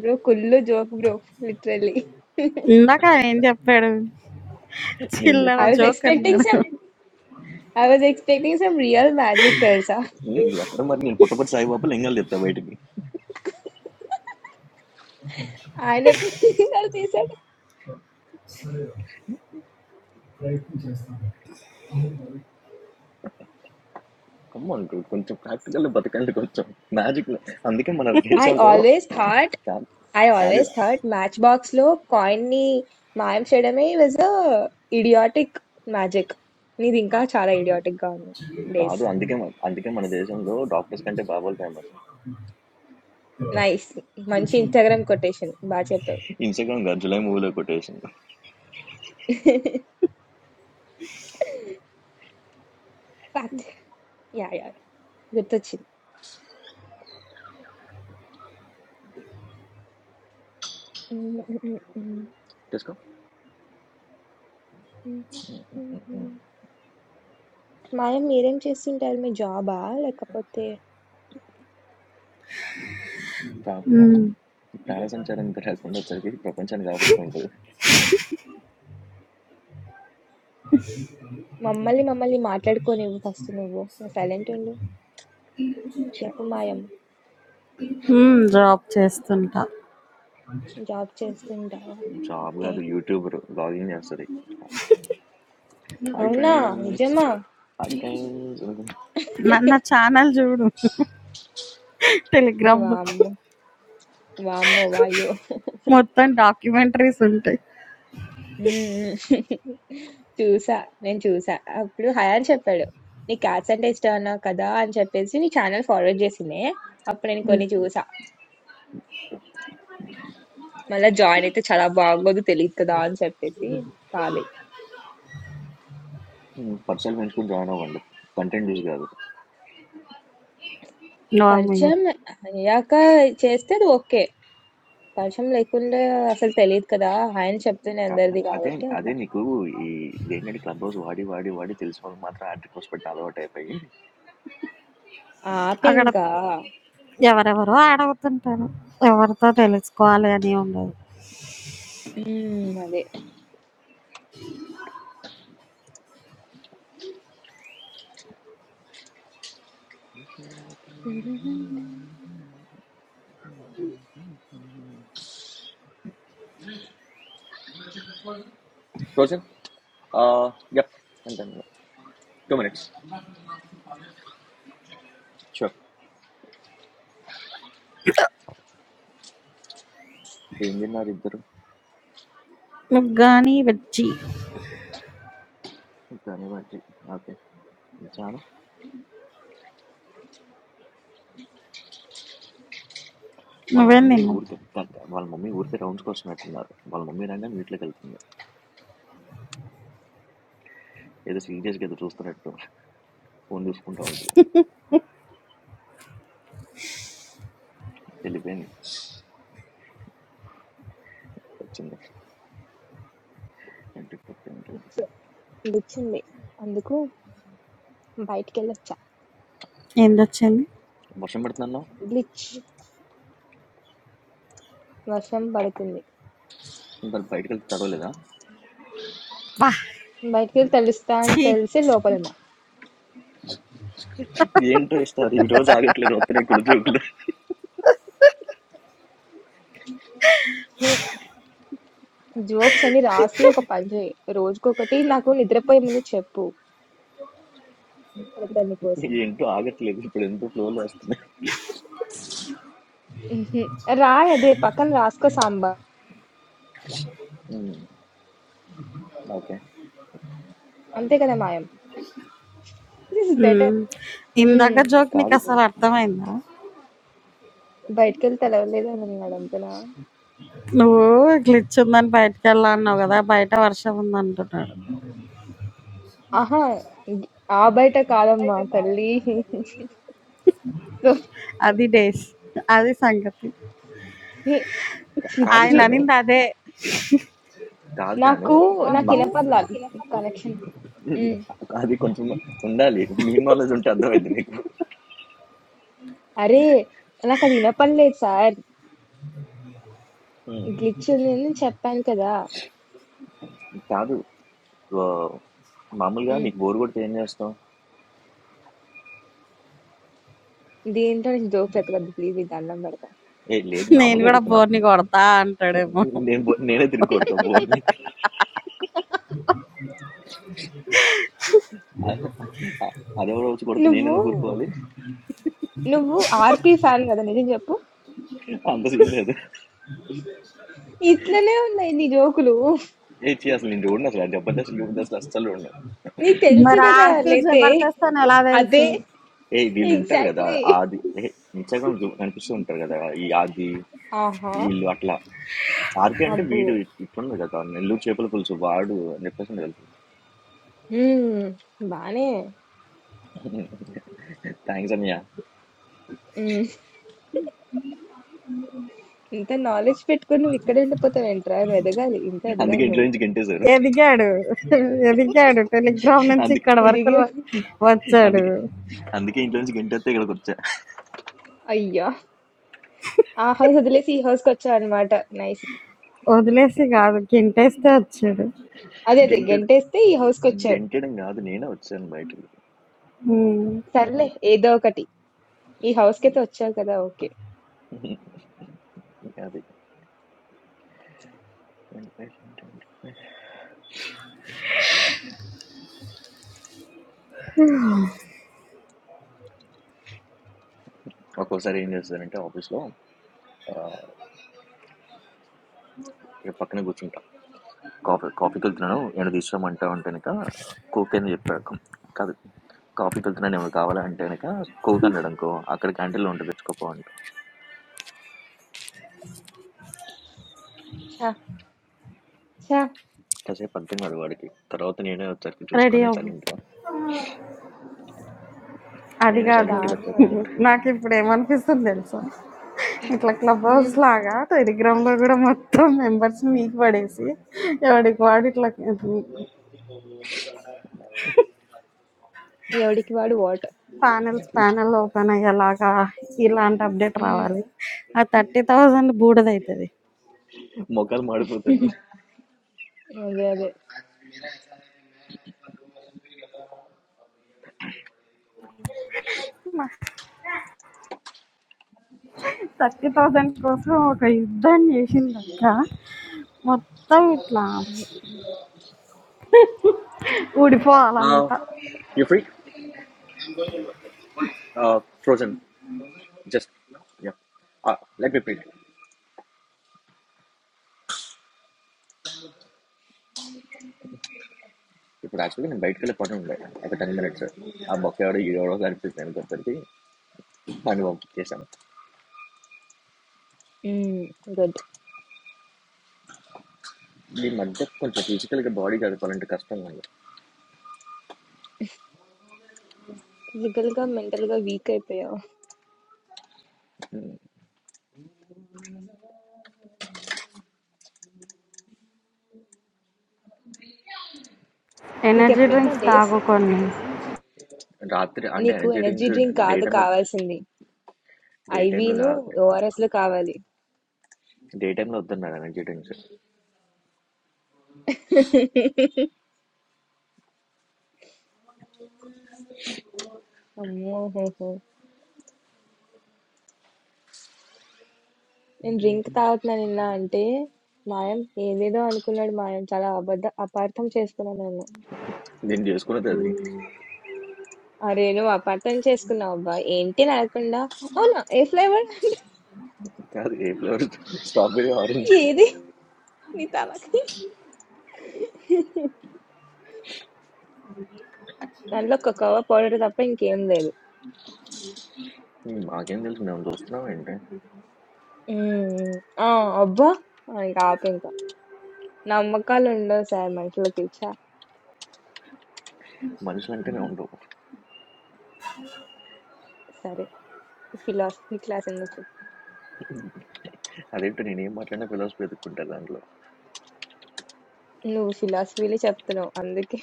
బ్రో కుళ్ళు జోక్ బ్రో లిటరలీ ఇందాక ఏం జెప్పాడు? నేను చిల్లర ఐ చెప్పింది వాజ్ జోక్ ఎక్స్పెక్టింగ్ అన్నాడు. Some I was expecting some real magic తెలుసా ఉమ్, ఎక్కడ మరి నేను పుట్టపతి సాయిబాబు లింగాలు చెప్తా బయటికి ఆయన తీసాడు కమ్మన్ కొంచెం ప్రాక్టికల్ బతకండి కొంచెం మ్యాజిక్ అందుకే మన ఐ దేశంలో ఆల్వేస్ థాట్ కాదు I కాదు always thought Matchbox లో కాయిన్ ని మాయం చేయడమే వాజ్ అ ఇడియాటిక్ మ్యాజిక్ నీది ఇంకా చాలా ఇడియాటిక్ గా ఉంది డేస్ కాదు అందుకే మన- అందుకే మన దేశంలో డాక్టర్స్ కంటే బాబాలు ఫేమస్ నైస్ మంచి ఇన్స్టాగ్రామ్ కొటేషన్ బాగా చెప్పావు ఇన్స్టాగ్రామ్ కాదు జులై మూవీలో కొటేషన్ ఫ్యాక్ట్ యా యా గుర్తొచ్చింది ఉమ్, ఉమ్, ఉమ్, తీసుకో ఉమ్, ఉమ్, ఉమ్, ఉమ్. మాయం మీరేం చేస్తుంటారు మీ జాబా లేకపోతే ప్రా- ప్రా- హ్మ్. ప్రాణ సంచారం ఇంత లేకుండా వచ్చేసరికి ప్రపంచాన్ని కాపాడుతుంటుంది మమ్మల్ని మమ్మల్ని మాట్లాడుకోనివ్వు ఫస్ట్ నువ్వు సైలెంట్ ఉండు చెప్పు మాయం హ్మ్. జాబ్ చేస్తుంటా. జాబ్ చేస్తుంటావా జాబ్ ఓకే కాదు యూట్యూబర్ బ్లాగింగ్ చేస్తుంది హాయ్ అవునా ఫ్రెండ్స్ నిజమా హాయ్ ఫ్రెండ్స్ అనుకుంటే నా, నా ఛానెల్ జూడు టెలిగ్రామ్‌లో. వామ్మో! వామ్మో! వాయ్యో! మొత్తం డాక్యుమెంటరీస్ ఉంటాయి. హ్మ్. హ్మ్. చూసా. నేను చూసా. అప్పుడు హయాన్ చెప్పాడు. "నీకు క్యాట్స్ అంటే ఇష్టం అన్నావు కదా!" అని చెప్పేసి నీ ఛానెల్ ఫార్వర్డ్ చేసింది. అప్పుడు నేను కొన్ని చూసా. మళ్ళా జాయిన్ అయితే చాలా బాగోదు తెలీదు కదా! అని చెప్పేసి కాలేదు. పర్సనల్ పెంచుకుని జాయిన్ అవ్వండి కంటెంట్ చూసి కాదు నార్మల్. పరిచయం అయ్యాక చేస్తే అది ఓకే. పరిచయం లేకుండా అసలు తెలీదు కదా! ఆయన చెప్తేనే కా- అందరిది అదే కాబట్టి అదే అట్లా. నీకు ఈ ఏంటంటే క్లబ్ హౌస్ వాడి వాడి వాడి తెలిసిన వాళ్ళు మాత్రం యాడ్ రిక్వెస్ట్ పెట్టిన అలవాటు అయిపోయి అక్కడ ఆపింకా. ఎవరెవరో యాడ్ అవుతుంటారు. ఎవరితో తెలుసుకోవాలి అని ఉండదు. హ్మ్. అదే. రోజన్ యప్ అంటే టూ మినిట్స్ షూర్ ఏం తిన్నారు ఇద్దరు నుగ్గాని వెజ్జి. కానీ వాటి ఓకే చాలా వాళ్ళ నువ్వేం మమ్మీ తిన్నావు? ఊరికి వాళ్ళ మమ్మీ ఊరికే రౌండ్స్కి వస్తున్నట్టున్నారు వాళ్ళ మమ్మీ రాగానే మీట్లోకి వెళ్తుంది ఏదో సీరియస్గా ఏదో చూస్తున్నట్టు ఫోన్ చూసుకుంటూ ఉంటుంది వెళ్ళిపోయింది వచ్చింది twenty four ten twenty five glitch ఉంది అందుకు బయటికి వెళ్ళొచ్చా ఏందొచ్చింది? వర్షం పెడుతున్నాను గ్లిచ్ వర్షం పడుతుంది మరి బయటకు వెళ్తే తడవలేదా వాహ్! బయటికి వెళ్ళి తెలుస్తా అని ఛీ! తెలిసి లోపల ఉన్నా ఏంటో ఇస్తారు ఈ రోజు ఆగట్లేదు వస్తున్నాయి కుడి జోకులు హే జోక్స్ అని రాసి ఒక పని చేయి రోజుకొకటి నాకు నిద్రపోయే ముందు చెప్పు పెడతాను కోసం ఏంటో ఆగట్లేదు ఇప్పుడు ఎంతో ఫ్లోలో వస్తున్నాయి రాయ్ అదే పక్కన రాసుకో సాంబా ఉమ్, ఓకే అంతే కదా మాయం దిస్ ఇస్ బెటర్ హ్మ్. ఇందాక జోక్ కాదు నీకసలు అర్థమైందా? బయటికి వెళ్ళి తెలవలేదు అని అన్నాడు అంతేనా నువ్వు గ్లిచ్ ఉందని బయటికెళ్ళా అన్నావు గదా! బయట వర్షం ఉందంటున్నాడు. ఆహా ఆ బయట కాదమ్మా తల్లి సో, అది డేస్. అది సంగతి. ఛీ, కా- కాదు చిచ్చి జాను ఆయననిందదే. కాదు జాను నాకు నాకు మా ఇనపడాలి కనెక్షన్ హ్మ్. అది కొంచెం ఉండాలి మీ నాలెడ్జ్ ఉంటే అర్థమైంది నీకు అరే! నాకది ఇనపడలేదు సార్. ఉమ్, గ్లిచ్ ఉందని చెప్పాను కదా! కాదు ఆ, మామూలుగా హ్మ్. నీకు బోర్ కొడితే ఏం చేస్తావు దీంట్లో నుంచి జోక్స్ ఎత్తకొద్దు ప్లీజ్ నీకు దండం పెడతా. ఏ లేదు నేను మామూలుగా గూడా అడుగుతున్నా బోర్‌ని కొడతా అంటాడేమో. నేను బో- నేనే తిరిగి కొడతా బోర్ని అదెవరో వచ్చి కొడితే నేను నువ్వు, ఎందుకు ఊరుకోవాలి నువ్వు 'ఆర్‌పీ' ఫ్యాన్ కదా! నిజం చెప్పు. అంత సీన్ లేదు ఇట్లనే ఉన్నాయి నీ జోకులు. ఏ చీ అసలు నేను చూడండి అసలు ఆ జబర్దస్త్ జబర్దస్త్ అస్సలు చూడండి నీకు తెలుసు మరి కదా! ఆర్పి లేతే జబర్దస్త్ అని ఎలా తెలుసు అదే. ఏ వీళ్ళు ఉంటారు కదా ఎగ్జాక్ట్‌లీ. ఆది ఏ ఇన్స్టాగ్రామ్ కనిపిస్తూ ఉంటారు కదా ఈ ఆది ఆహా! వీళ్ళు అట్లా ఆర్కే అంటే అబ్బో! వీడు ఇట్లున్నారు కదా నెల్లూరు చేపల పులుసు వాడు అని చెప్పేసి ఉండే తెలుసు హ్మ్. బానే థ్యాంక్స్ అన్నయ్య హ్మ్. ఇంత నాలెడ్జ్ పెట్టుకొని నువ్వు ఇక్కడే ఉండిపోతావేంట్రా? నువ్వు ఎదగాలి. ఇంకా అందుకే ఎదగాలి ఇంట్లో నువ్వు. నుంచి గెంటేశారు ఎదిగాడు ఎదిగాడు టెలిగ్రామ్ నుంచి అందుకే ఇక్కడ వరకు ర- ఎదిగే వచ్చాడు అందుకే అందుకే ఇంట్లో నుంచి గెంటేస్తే ఇక్కడికి వచ్చా అయ్యా ఆ హౌస్ వదిలేసి ఈ హౌస్ కి వచ్చావు అనమాట నైస్ వదిలేసి కాదు గింటేస్తే వచ్చాడు అదే అదే గెంటే గెంటేస్తే ఈ హౌస్ కి వచ్చావు గెంటేయడం కాదు నేనే వచ్చాను బయటికి సర్లే ఏదో ఒకటి ఈ హౌస్ కి అయితే వచ్చావు కదా ఓకే అది ట్వంటీ ఫైవ్ ట్వంటీ ఫైవ్ ఒక్కోసారి ఏం చేస్తానంటే ఆఫీస్లో ఆ, ఇక పక్కనే కూర్చుంటా కాఫీ కాఫీకి వెళ్తున్నాను ఏమైనా తీసుకురామంటావు అంటే కనుక కోక్ అని చెప్పా కం- కాదు కాఫీకి వెళ్తున్నాను ఏమైనా కావాలా అంటే కనుక కోక్ అన్నాడు అనుకో అక్కడ క్యాంటీన్లో ఉంటుంది తెచ్చుకోపో అంట ఛా ఛా కాసేపు అర్థం కాదు వాడికి తర్వాత నేనే వచ్చరికి రెడీ చూసుకొని అవ్వు సైలెంట్గా అది నేనే కాదు సైలెంట్గా దారుణం వచ్చాక అండి అనుకుంటా నాకు ఇప్పుడు ఏమనిపిస్తుంది తెలుసా ఇట్లా క్లబ్ హౌస్ ఉమ్, లాగా టెలిగ్రామ్లో కూడా మొత్తం మెంబర్స్ మీకు పడేసి ఎవడికి వాడు ఇట్లా ఎవడికి వాడు వాట్ ప్యానెల్స్ ప్యానెల్ ఓపెన్ అయ్యేలాగా ఇలాంటి అప్డేట్ ఉమ్, రావాలి ఆ థర్టీ థౌజండ్ బూడిదవుతుంది మొక్కలు మాడిపోతుంది అదే అదే థర్టీ థౌసండ్ కోసం ఒక యుద్ధం చేసింది అక్క మొత్తం ఇట్లా ఊడిపోవాలంతా you free frozen just let me print ఇప్పుడు యాక్చువల్గా నేను బయటకు వెళ్ళే పని ఉండే ఒక టెన్ మినిట్స్ ఆ బఫ్ ఎవడో ఎవడో కనిపిస్తుంది అనుకోసరికి దాన్ని పంపించేసాను గుడ్ ఈ మధ్య కొంచెం ఫిజికల్గా బాడీ చదువుకోవాలంటే కష్టం అండి ఫిజికల్ గా మెంటల్ గా వీక్ అయిపోయావు ఉమ్, నీకు ఎనర్జీ ఎప్పుడైనా డ్రింక్స్ డేస్ తాగుకొని రాత్రి అంటే నీకు energy energy drinks drink day కాదు టైంలో కావాల్సింది డే టైంలో ఐవీను కాదు ఓఆర్ఎస్ లు కావాలి డే టైంలో వద్దన్నారు ఎనర్జీ డ్రింక్స్ అమ్మో నేను డ్రింక్ తాగుతున్నా నిన్న అంటే, మాయం ఏదేదో అనుకున్నాడు మాయం. చాలా అబద్ధ అపార్థం చేసుకున్నా నన్ను. నేను చేసుకున్నది అది అరే నువ్వు అపార్థం చేసుకున్నావు అబ్బా. ఏంటి అని అడగకుండా, అవునా ఏ ఫ్లేవర్ కాదు ఏ ఫ్లేవర్ స్ట్రాబెరీ ఆరెంజ్ ఏది నీ తలకి దాంట్లో కోకోవా పౌడర్ తప్ప ఇంకేం లేదు. మాకేం తెలుసు మేము చూస్తున్నాం ఏంటి ఉమ్, ఆ అబ్బా ఆ, ఇంకా ఆపు ఇంకా నమ్మకాలు ఉండవు సార్ మనుషులకి ఛా, మనుషులు అంటేనే ఉండవు సరే ఫిలాసఫీ క్లాస్ ఎందుకు చెప్పావు అదేంటో నేను ఏం మాట్లాడినా ఫిలోసఫీ వెతుక్కుంటారు దాంట్లో నువ్వు ఫిలాసఫీలే చెప్తున్నావు అందుకే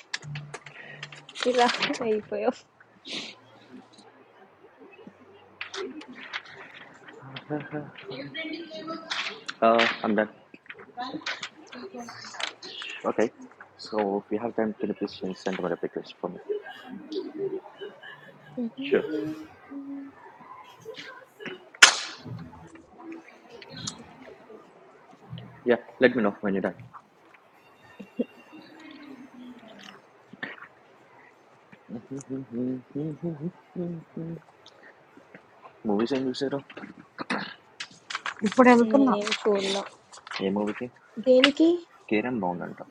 ఇలా అయిపోయావు అందర్ okay so we have time can please send my request Sure. Yeah, let me know when you're done. Movies ఏం చూసారు ఇప్పుడు వెళ్తున్నా నేనేం చూడలా. ఏ మూవీకి దేనికి? కేరం బాగుందంట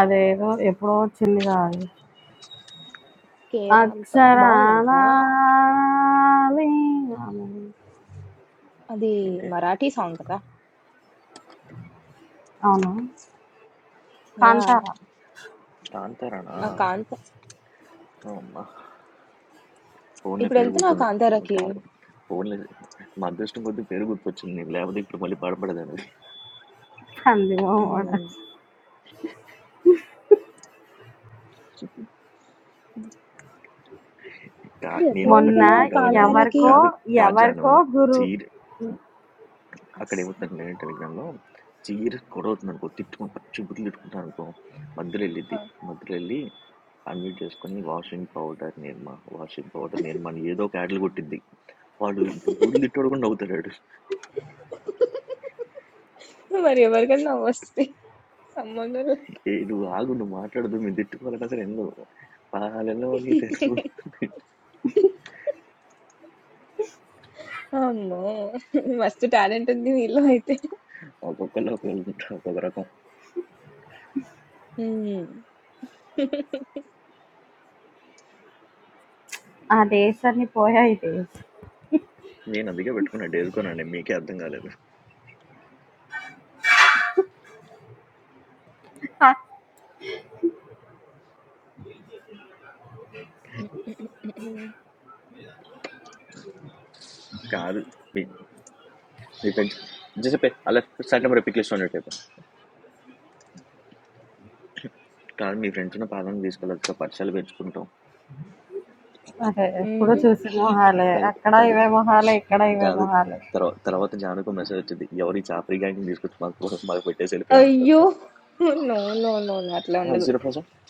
అదేదో ఎప్పుడో వచ్చింది కాదు 'కే ర్యాంప్' అక్షరాల బావుందంటనా? అది ఏంటి మరాఠీ సాంగ్ కదా! అవును యాహ్! కాంతారా కాంతారానా ఆ కాంత ఓ అమ్మా ఫోన్లో ఇప్పుడు పేరు వెళ్తున్నా గుర్తుంది కాంతారాకి. కాదు ఫోన్లో మా అదృష్టం కొద్ది పేరు గుర్తొచ్చింది నీకు లేకపోతే ఇప్పుడు మళ్ళీ పడపడదు అనేది అంది మొన్న హ్మ్. కా ఇది ఎక్కడ నేను ఒక్కనే మొన్న వెళ్తున్నావు అనుకుంటావు కాంతారాకి? ఎవరికో కాదు కాజాను ఎవరికో గురు చీ అక్కడ అస్సలు ఏమవుతుందంటే టెలిగ్రామ్‌లో సీరియస్ గొడవ అవుతుందనుకో, తిట్టుకుని పచ్చి బూతులు తిట్టుకుంటారనుకో, మధ్యలో ఆ! వెళ్ళిద్ది. మధ్యలో వెళ్ళి అన్‌మ్యూట్ చేసుకొని washing powder Nirma, washing powder Nirma అని ఏదో ఒక యాడ్లు కొట్టిద్ది. వాడు బూతులు తిట్టోడు కూడా నవ్వుతాడు వాడు. మరి ఎవరికైనా నవ్వొస్తది. సంబంధం లేదు. "ఏయ్! నువ్వు ఆగు, నువ్వు మాట్లాడొద్దు, మేము తిట్టుకోవాలన్నా సరే వినవు. పాలలోని తెలుగు" అమ్మో! మస్తు టాలెంట్ ఉంది మీలో అయితే. ఒక్కొక్కళ్ళు ఒక్కొక్కళ్ళు ఉంటారు, ఒక్కొక్క రకం. హ్మ్. ఆ దేశాన్ని పోయా ఈ దేశం నేను అందుకే పెట్టుకున్నా డేరుకోనండి, మీకే అర్థం కాలేదు. ఆ హ్మ్. హ్మ్. హ్మ్. కాదు. మీ మీ ఫ్రెండ్స్ జస్ట్ చెప్పే అలా స్టార్ట్ నెంబర్ పిక్ లిస్ట్ ఉన్నట్టు చెప్పే. కాదు మీ ఫ్రెండ్స్ ఉన్న పాదాలను తీసుకెళ్ళొచ్చు పరిచయాలు పెంచుకుంటాం అదే. ఎప్పుడు హ్మ్. చూసిన మొహాలే. కాదు అక్కడ కాదు ఇవే మొహాలే, ఇక్కడ ఇవే కాదు మొహాలే. తర్వాత తర్వాత జానుకు మెసేజ్ వచ్చింది ఎవరు ఈ చాపరి గ్యాంగ్ తీసుకొచ్చి మాకు మాకు పెట్టేసి వెళ్ళిపోయి అయ్యో! ఉంటారు నో. నో. నో. నో. అట్లా ఉండదు. జీరో పర్సెంట్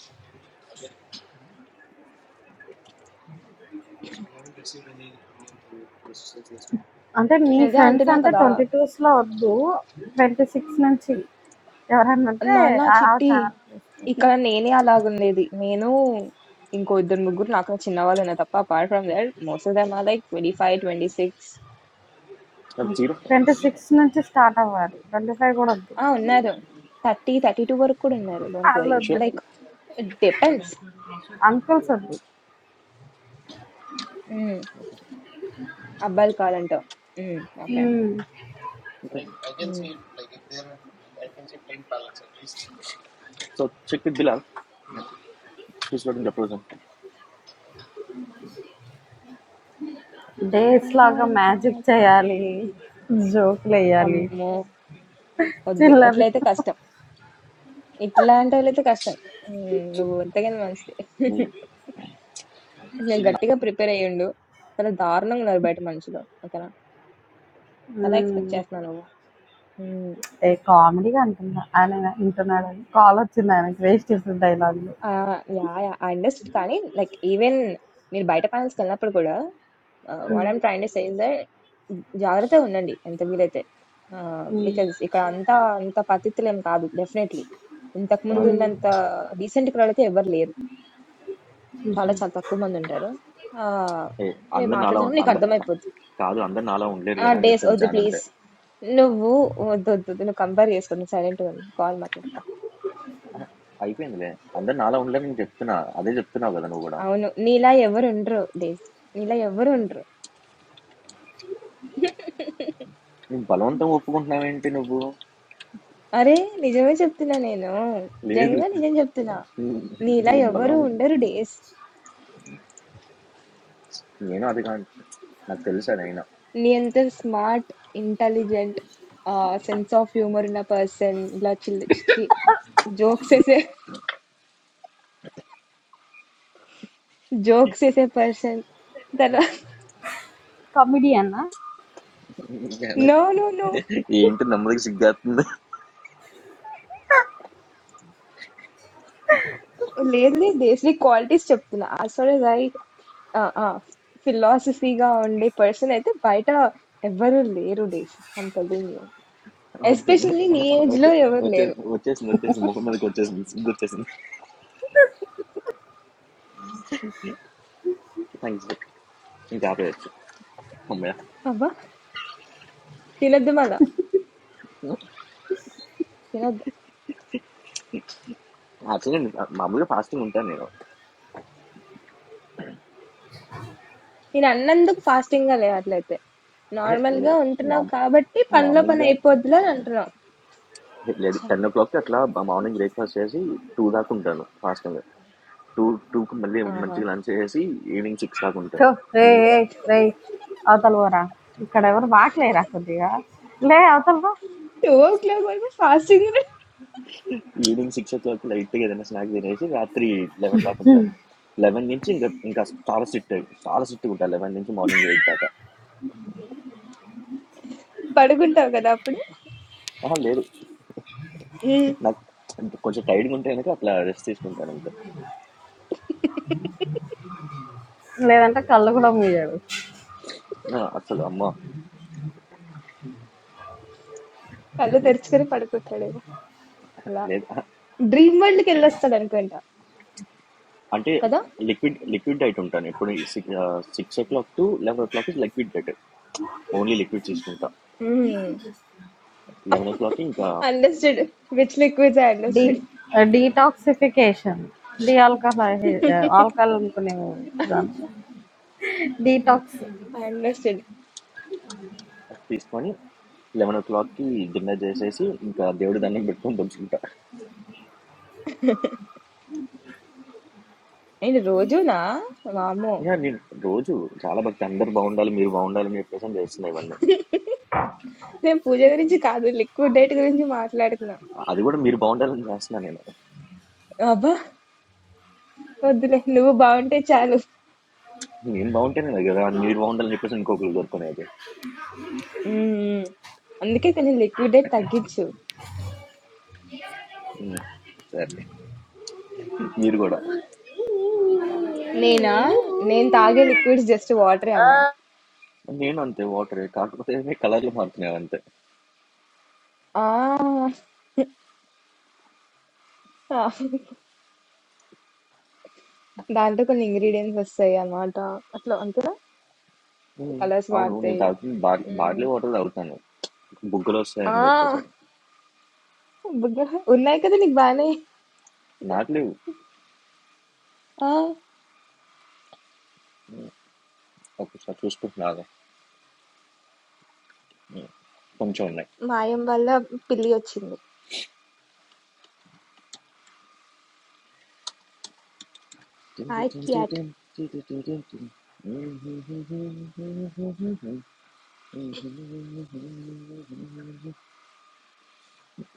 అంటే నీ అదే ఫ్రెండ్స్ అంటున్నా అంటే కదా! 22స్‌లో వద్దు. 26 నుంచి ఎవరన్నంటే నాన్న ఆ ఆ చిట్టి ఛానల్ తీసుకెళ్ళు. ఇక్కడ నేనే అలాగుండేది. నేను ఇంకో ఇద్దరు, ముగ్గురు నాకన్నా చిన్నవాళ్ళున్నారు తప్ప apart from that most of them are like 25, 26 నీకే. జీరో 26 నుంచి స్టార్ట్ అవ్వాలి. 25 కూడా వద్దు. ఆ! ఉన్నారు. 30, 32 వరకు కూడా ఉన్నారు. Don't worry. షూర్ ఆళ్ళొద్దులే. Like it depends. అంకుల్స్ వద్దు. హ్మ్. అబ్బాయిలు కాదంట. హ్మ్. ఓకే. హ్మ్. హ్మ్. So check with Bilal is loading the present days లాగా బంగారం మ్యాజిక్ పాట చేయాలి. జోకులెయ్యాలి. అమ్మో! వద్దు. చిల్లర అట్లయితే కష్టం. ఇట్లాంటి వాళ్ళైతే కష్టం. హ్మ్. నువ్వు ఎంతకైనా మంచిదే. నేను గట్టిగా ప్రిపేర్ అయ్యుండు. చాలా దారుణంగా ఉన్నారు బయట మనుషులు. ఓకేనా? చాలా ఎక్స్‌పెక్ట్ హ్మ్. చేస్తున్నా నువ్వు. హ్మ్. ఏ కామెడీగా అంటున్నా. ఆయన వింటున్నాడని. కాల్ వచ్చింది ఆయనకి వేస్ట్ చేసిన డైలాగులు. Ah, yeah! Yeah! I understand కానీ లైక్ ఈవెన్ మీరు బయట ప్యానెల్స్‌కెళ్ళినప్పుడు కూడా ఆహ్, వాట్ హ్మ్. I am trying to say is that జాగ్రత్తగా ఉండండి ఎంత వీలైతే. ఆహ్, హ్మ్. బికాజ్ ఇక్కడ అంతా అంత పతితులేం కాదు డెఫినైట్‌లీ. ఇంతకుముందు కాదు హ్మ్. ఉన్నంత డీసెంట్ క్రౌడ్ అయితే ఎవ్వరు లేరు. చాలా చాలా తక్కువ మంది ఉంటారు. ఆహ్, ఏ మీరు అందరు నాలా ఉం- మాట్లాడుతున్నప్పుడు నీకు అందరు అర్థమైపోద్ది. కాదు అందరు నాలా ఉండలేరు ఆ! కదా అని డేస్ చెప్తుంది ఒద్దు జాన్ ప్లీజ్. అంతే నువ్వు ఒద్దొద్దొద్దు. నువ్వు కంపేర్ చేసుకోద్దు. సైలెంట్‌గా ఉండు. కాల్ మాట్లాడుకో. అయిపోయిందిలే అందరు నాలా ఉండలేరు నేను చెప్తున్నా అదే చెప్తున్నావు కదా నువ్వు కూడా అవును. నీలా ఎవరుండరు డేస్. నీలా ఎవ్వరుండరు. నువ్వు బలవంతం ఒప్పుకుంటున్నావేంటి నువ్వు అరే! నిజమే చెప్తున్నా నేను. లేదు నిజంగా నిజం చెప్తున్నా. నీలా నువ్వు ఎవరు బలవం ఉండరు డేస్. నేను అది కాదు నాకు తెలుసు అది అయినా నీ అంత smart, intelligent ah, sense of humour ఉన్న పర్సన్ ఇలా చిల్ ఛీ! జోక్స్ ఏసే జోక్స్ ఏసే పర్సన్. తర్వా కమెడియనా? నో. నో. నో. ఏంటి నమ్మదకి సిగ్గేస్తుంది లేదు లేదు డేస్ నీ క్వాలిటీస్ చెప్తున్నా. యాస్ ఫార్ యాస్ ఐ ఆ! ఆ! ఫిలాసఫీ‌గా ఉండే పర్సన్ అయితే బయట ఎవ్వరు లేరు డేస్. I'm telling you. వద్దు. ఎస్పెషల్లీ నీ ఏజ్‌లో వచ్చే ఎవరు వచ్చే లేరు. వచ్చేసింది వచ్చేసింది ముఖం మీదకి వచ్చేసింది సిగ్గు వచ్చేసింది థ్యాంక్స్ ఇంకా ఆపేయచ్చు అమ్మయ్య అబ్బా! తినొద్దు మళ్ళా. తినొద్దు. యాక్చువల్లీ మామూలుగా ఫాస్టింగ్ ఉంటాను నేను నేను అన్నందుకు ఫాస్టింగ్‌గా లే అట్లయితే. ఏ నార్మల్‌గా లేదు ఉంటున్నావు నార్మ్ కాబట్టి పనిలో పని నార్మల్గా అయిపోద్దిలే అని అంటున్నావు. లేదు ఛ! టెన్ ఓ క్లాక్కి అట్లా మార్నింగ్ బ్రేక్ఫాస్ట్ చేసి టూ దాకా ఉంటాను ఫాస్టింగ్ టూ టూకి మళ్ళీ ఆహా! మంచిగా లంచ్ చేసి ఈవినింగ్ సిక్స్ దాకా థు ఉంటాను రేయ్! ఏయ్! రేయ్! అవతల పోరా. ఇక్కడ ఎవరు వాకలేరా కొద్దిగా? లే అవతల పో. టూ ఓ క్లాక్ వరకు ఫాస్టింగ్ ఈవినింగ్ సిక్స్ ఓ క్లాక్కి లైట్గా ఏదైనా స్నాక్ తినేసి రాత్రి లెవెన్ దాకా ఉంటాను లెవెన్ నుంచి ఇంకా ఇంకా చాలా సిట్ చాలా సిట్గా ఉంటాను లెవెన్ నుంచి మార్నింగ్ ఎయిట్ దాకా పడుకుంటావు కదా అప్పుడు? ఆహా లేదు హ్మ్. నాకు అంటే కొంచెం టైర్డ్గా ఉంటే కనుక అట్లా రెస్ట్ తీసుకుంటాను అంతే లేదంటే కళ్ళు కూడా మూయడు. ఆ, అసలు అమ్మ కళ్ళు తెరుచుకొని పడుకుంటాడేమో అలా లేదు ఆహా, డ్రీమ్ వరల్డ్ కి వెళ్ళొస్తాడు అనుకుంటా అంటే కదా లిక్విడ్ లిక్విడ్ డైట్ ఉంటాను ఎప్పుడు six six o'clock to eleven o'clock is liquid diet only liquid తీసుకుంటా లెవెన్ ఓ క్లాక్కి ఇంకా understood which liquids I the understood detoxification. The alcohol alcohol అనుకునే దాంట్లో ఉమ్, డీటాక్స్. ఐ అండర్స్టూడ్ తీసుకొని లెవెన్ ఓ క్లాక్కి డిన్నర్ చేసేసి ఇంకా దేవుడి దండం పెట్టుకొని పంచుకుంటా నేను రోజునా వామో యా నేను రోజు చాలా భక్తి అందరు బాగుండాలి మీరు బాగుండాలని చెప్పేసి అని చేస్తున్నా ఇవన్నీ నేను పూజ గురించి కాదు లిక్విడ్ డైట్ గురించి మాట్లాడుతున్నా అది కూడా మీరు బాగుండాలని చేస్తున్నా నేను అబ్బా వద్దులే నువ్వు బాగుంటే చాలు నేను బాగుంటేనే కదా మీరు బాగుండాలని చెప్పేసి ఇంకొకరు కోరుకునేది మ్మ్. అందుకే కొంచెం లిక్విడ్ డైట్ తగ్గించు ఉమ్, సరే మీరు కూడా నేనా నేను తాగే లిక్విడ్స్ జస్ట్ వాటరే అమ్మ నేను అంతే వాటర్ కాకపోతే కలర్లు మారుతున్నాయి అంతే ఆ దాంట్లో కొన్ని ఇంగ్రీడియెంట్స్ వస్తాయి అన్నమాట. అట్లా అంతేనా? ఉమ్, కలర్స్ అవును నేను మారుతాయి. తాగుతుంది బార్లీ హ్మ్. బార్లీ వాటర్ తాగుతాను బుగ్గలు ఆ! వస్తాయని చెప్పేసాను బుగ్గలు ఉన్నాయి కదా నీకు బానే. నాకు లేవు ఆ! ఉమ్, ఒకసారి చూసుకుంటున్నా ఆగు. ఉమ్, కొంచెం మాయం వల్ల పిల్లి వచ్చింది. Hi cat. ఉన్నాయి రావు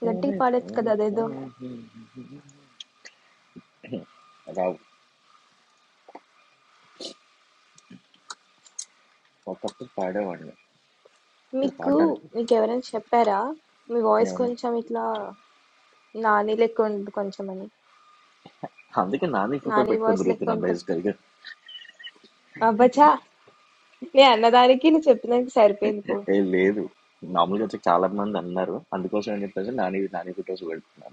గట్టిగా పాడొచ్చు కదా అదేదో. ఒకప్పుడు పాడేవాడిని ఇప్పుడు మీకు పాడడానికి మీకెవరైనా చెప్పారా? మీ వాయిస్ ఏమన్నా కొంచెం ఇట్లా నాని లెక్క ఉంటుంది కొంచెం అని. అందుకే నాని ఫోటో నాని పెట్టుకొని వాయిస్ లెక్క తిరుగుతున్నా ఉంటుంది. బేసికల్గా అబ్బచ్చా! నేను అన్నదానికి నువ్వు చెప్పినందుకు సరిపోయింది పో. ఏ లేదు మామూలుగా వచ్చి చాలా మంది అన్నారు అందుకోసం అని చెప్పేసి నాని నాని ఫొటోస్ పెడుతున్నా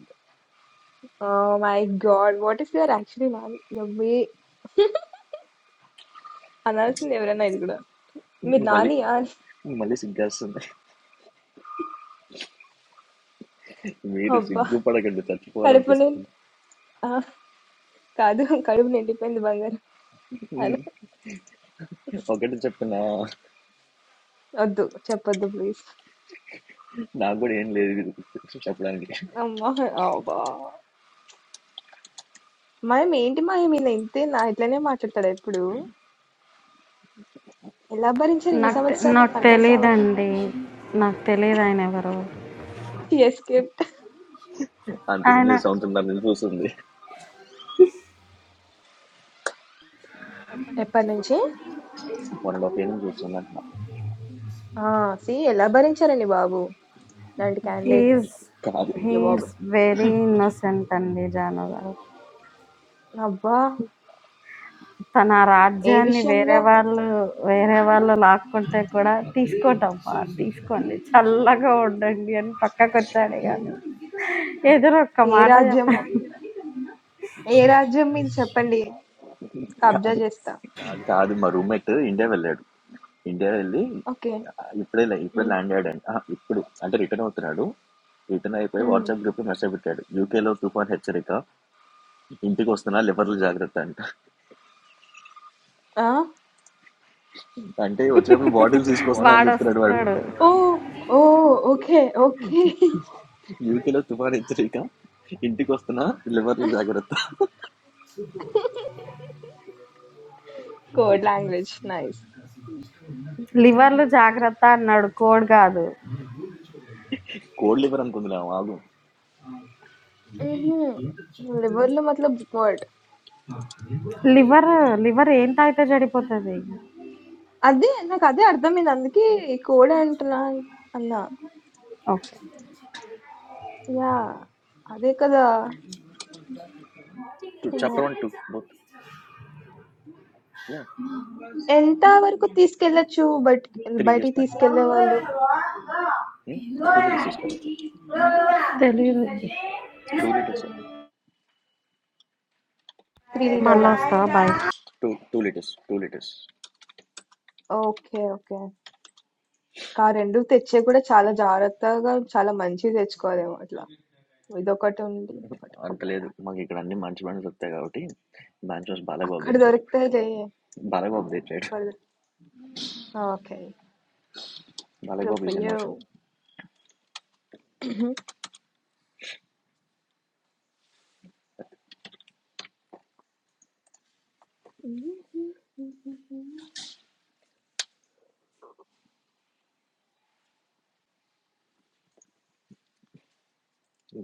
oh my god! What if you are actually Nani? Yummy. అనాల్సింది ఎవరైనా ఇది కూడా మీరు అంతే మళ్ళీ నానియా అని మళ్ళీ సిగ్గేస్తుంది మీరు అబ్బా సిగ్గుపడకండి కడుపు నిండి చచ్చిపోవాలనిపిస్తుంది ఆ, కాదు కడుపు నిండిపోయింది బంగారం అని ఒకటి చెప్పిన వద్దు చెప్పొద్దు ప్లీజ్ నాకు కూడా ఏం లేదు ఇది చెప్పడానికి అమ్మా అబ్బా మాయం ఏంటి మాయం ఈయన ఇంతే నా ఇట్లనే మాట్లాడతాడు ఎప్పుడు ఎలా భరించారు ఇన్ని నాకు తె- సంవత్సరాలు నాకు నాకు అర్థం కావట్లా తెలియదండి. నాకు తెలియదు ఆయన ఎవరు. ఎస్కేప్ అంత ఆయన సింగిల్ సౌండ్స్ ఉన్నారు నేను చూస్తుంది ఎప్పటి నుంచి వన్ అండ్ హాఫ్ ఇయర్ నుంచి చూస్తున్నాను ఆ సి ఎలా భరించారండి బాబు ఇలాంటి క్యాండిడేట్ ని హీఈస్ కాదు అయ్యో బాబు హీఈస్ వెరీ ఇన్నోసెంట్ అండి జాను గారు. అబ్బా తన ఏ రాజ్యాన్ని వేరే విషయంలో వాళ్ళు వేరే వాళ్ళు లాక్కుంటే కూడా తీసుకోటమ్మా తీసుకోండి చల్లగా ఉండండి అని పక్కకు వచ్చాడు కానీ ఎదురు ఒక్క ఏ మాట రాజ్యము చెప్పండి ఏ రాజ్యం మీరు చెప్పండి కబ్జా కాదు చేస్తా కాదు మా రూమ్మేట్ ఇండియా వెళ్ళాడు ఇండియా వెళ్ళి ఓకే ఇప్పుడే లే- ఇప్పుడే ల్యాండ్ అయ్యాడు ఆ, ఇప్పుడు అంటే రిటర్న్ అవుతున్నాడు రిటర్న్ అయిపోయి Mmh. వాట్సాప్ గ్రూప్ మెసేజ్ పెట్టాడు యూకేలో తుఫాన్ హెచ్చరిక ఇంటికి వస్తున్నా లివర్లు జాగ్రత్త అంట Hein? అంటే వచ్చేప్పుడు బాటిల్స్ తీసుకొస్తున్నా అని వాడు చెప్తున్నాడు వాడు వస్తాడు Oh! Oh! Okay, okay. యూకేలో తుఫాన్ హెచ్చరిక ఇంటికి వస్తున్నా లివర్లు జాగ్రత్త కోడ్ లాంగ్వేజ్ నైస్ లివర్లు జాగ్రత్త అన్నాడు కోడ్ కాదు కోల్డ్ లివర్ అనుకుందాం ఆగు లివర్ లో మతలబ్ వర్డ్ లివర్ లివర్ ఏం తాగితే చెడిపోతుంది అదే నాకు అదే అర్థమైంది అందుకే కోడ్ అంటున్నా అన్నా ఓకే యా అదే కదా అమ్మో. Chapter one two both yeah ఎంత వరకు తీసుకెళ్ళచ్చు బయట త్రీ బయటికి ఇయర్స్ బ్యాక్ తీసుకెళ్లే వాళ్ళు టూ లీటర్స్ తీసుకెళ్ళచ్చు తెలియదు టూ లీటర్స్ త్రీ మళ్ళీ లీటర్గా వస్తావా bye two two litres two litres okay okay కా రెండు తెచ్చే కూడా చాలా జాగ్రత్తగా చాలా మంచిది తెచ్చుకోవాలేమో అట్లా ఇదొకటి ఉంది ఇదొకటి అంత అమ్మాయి లేదు మాకు ఇక్కడ అన్ని మంచి బండ్స్ వస్తాయి కాబట్టి మంచి బండ్స్ బాలయ్యబాబు అక్కడ తెచ్చారు దొరుకుతాయిలే. బాలయ్యబాబు తెచ్చాడు అక్కడ okay. Good Balayyababu for is you. Emotion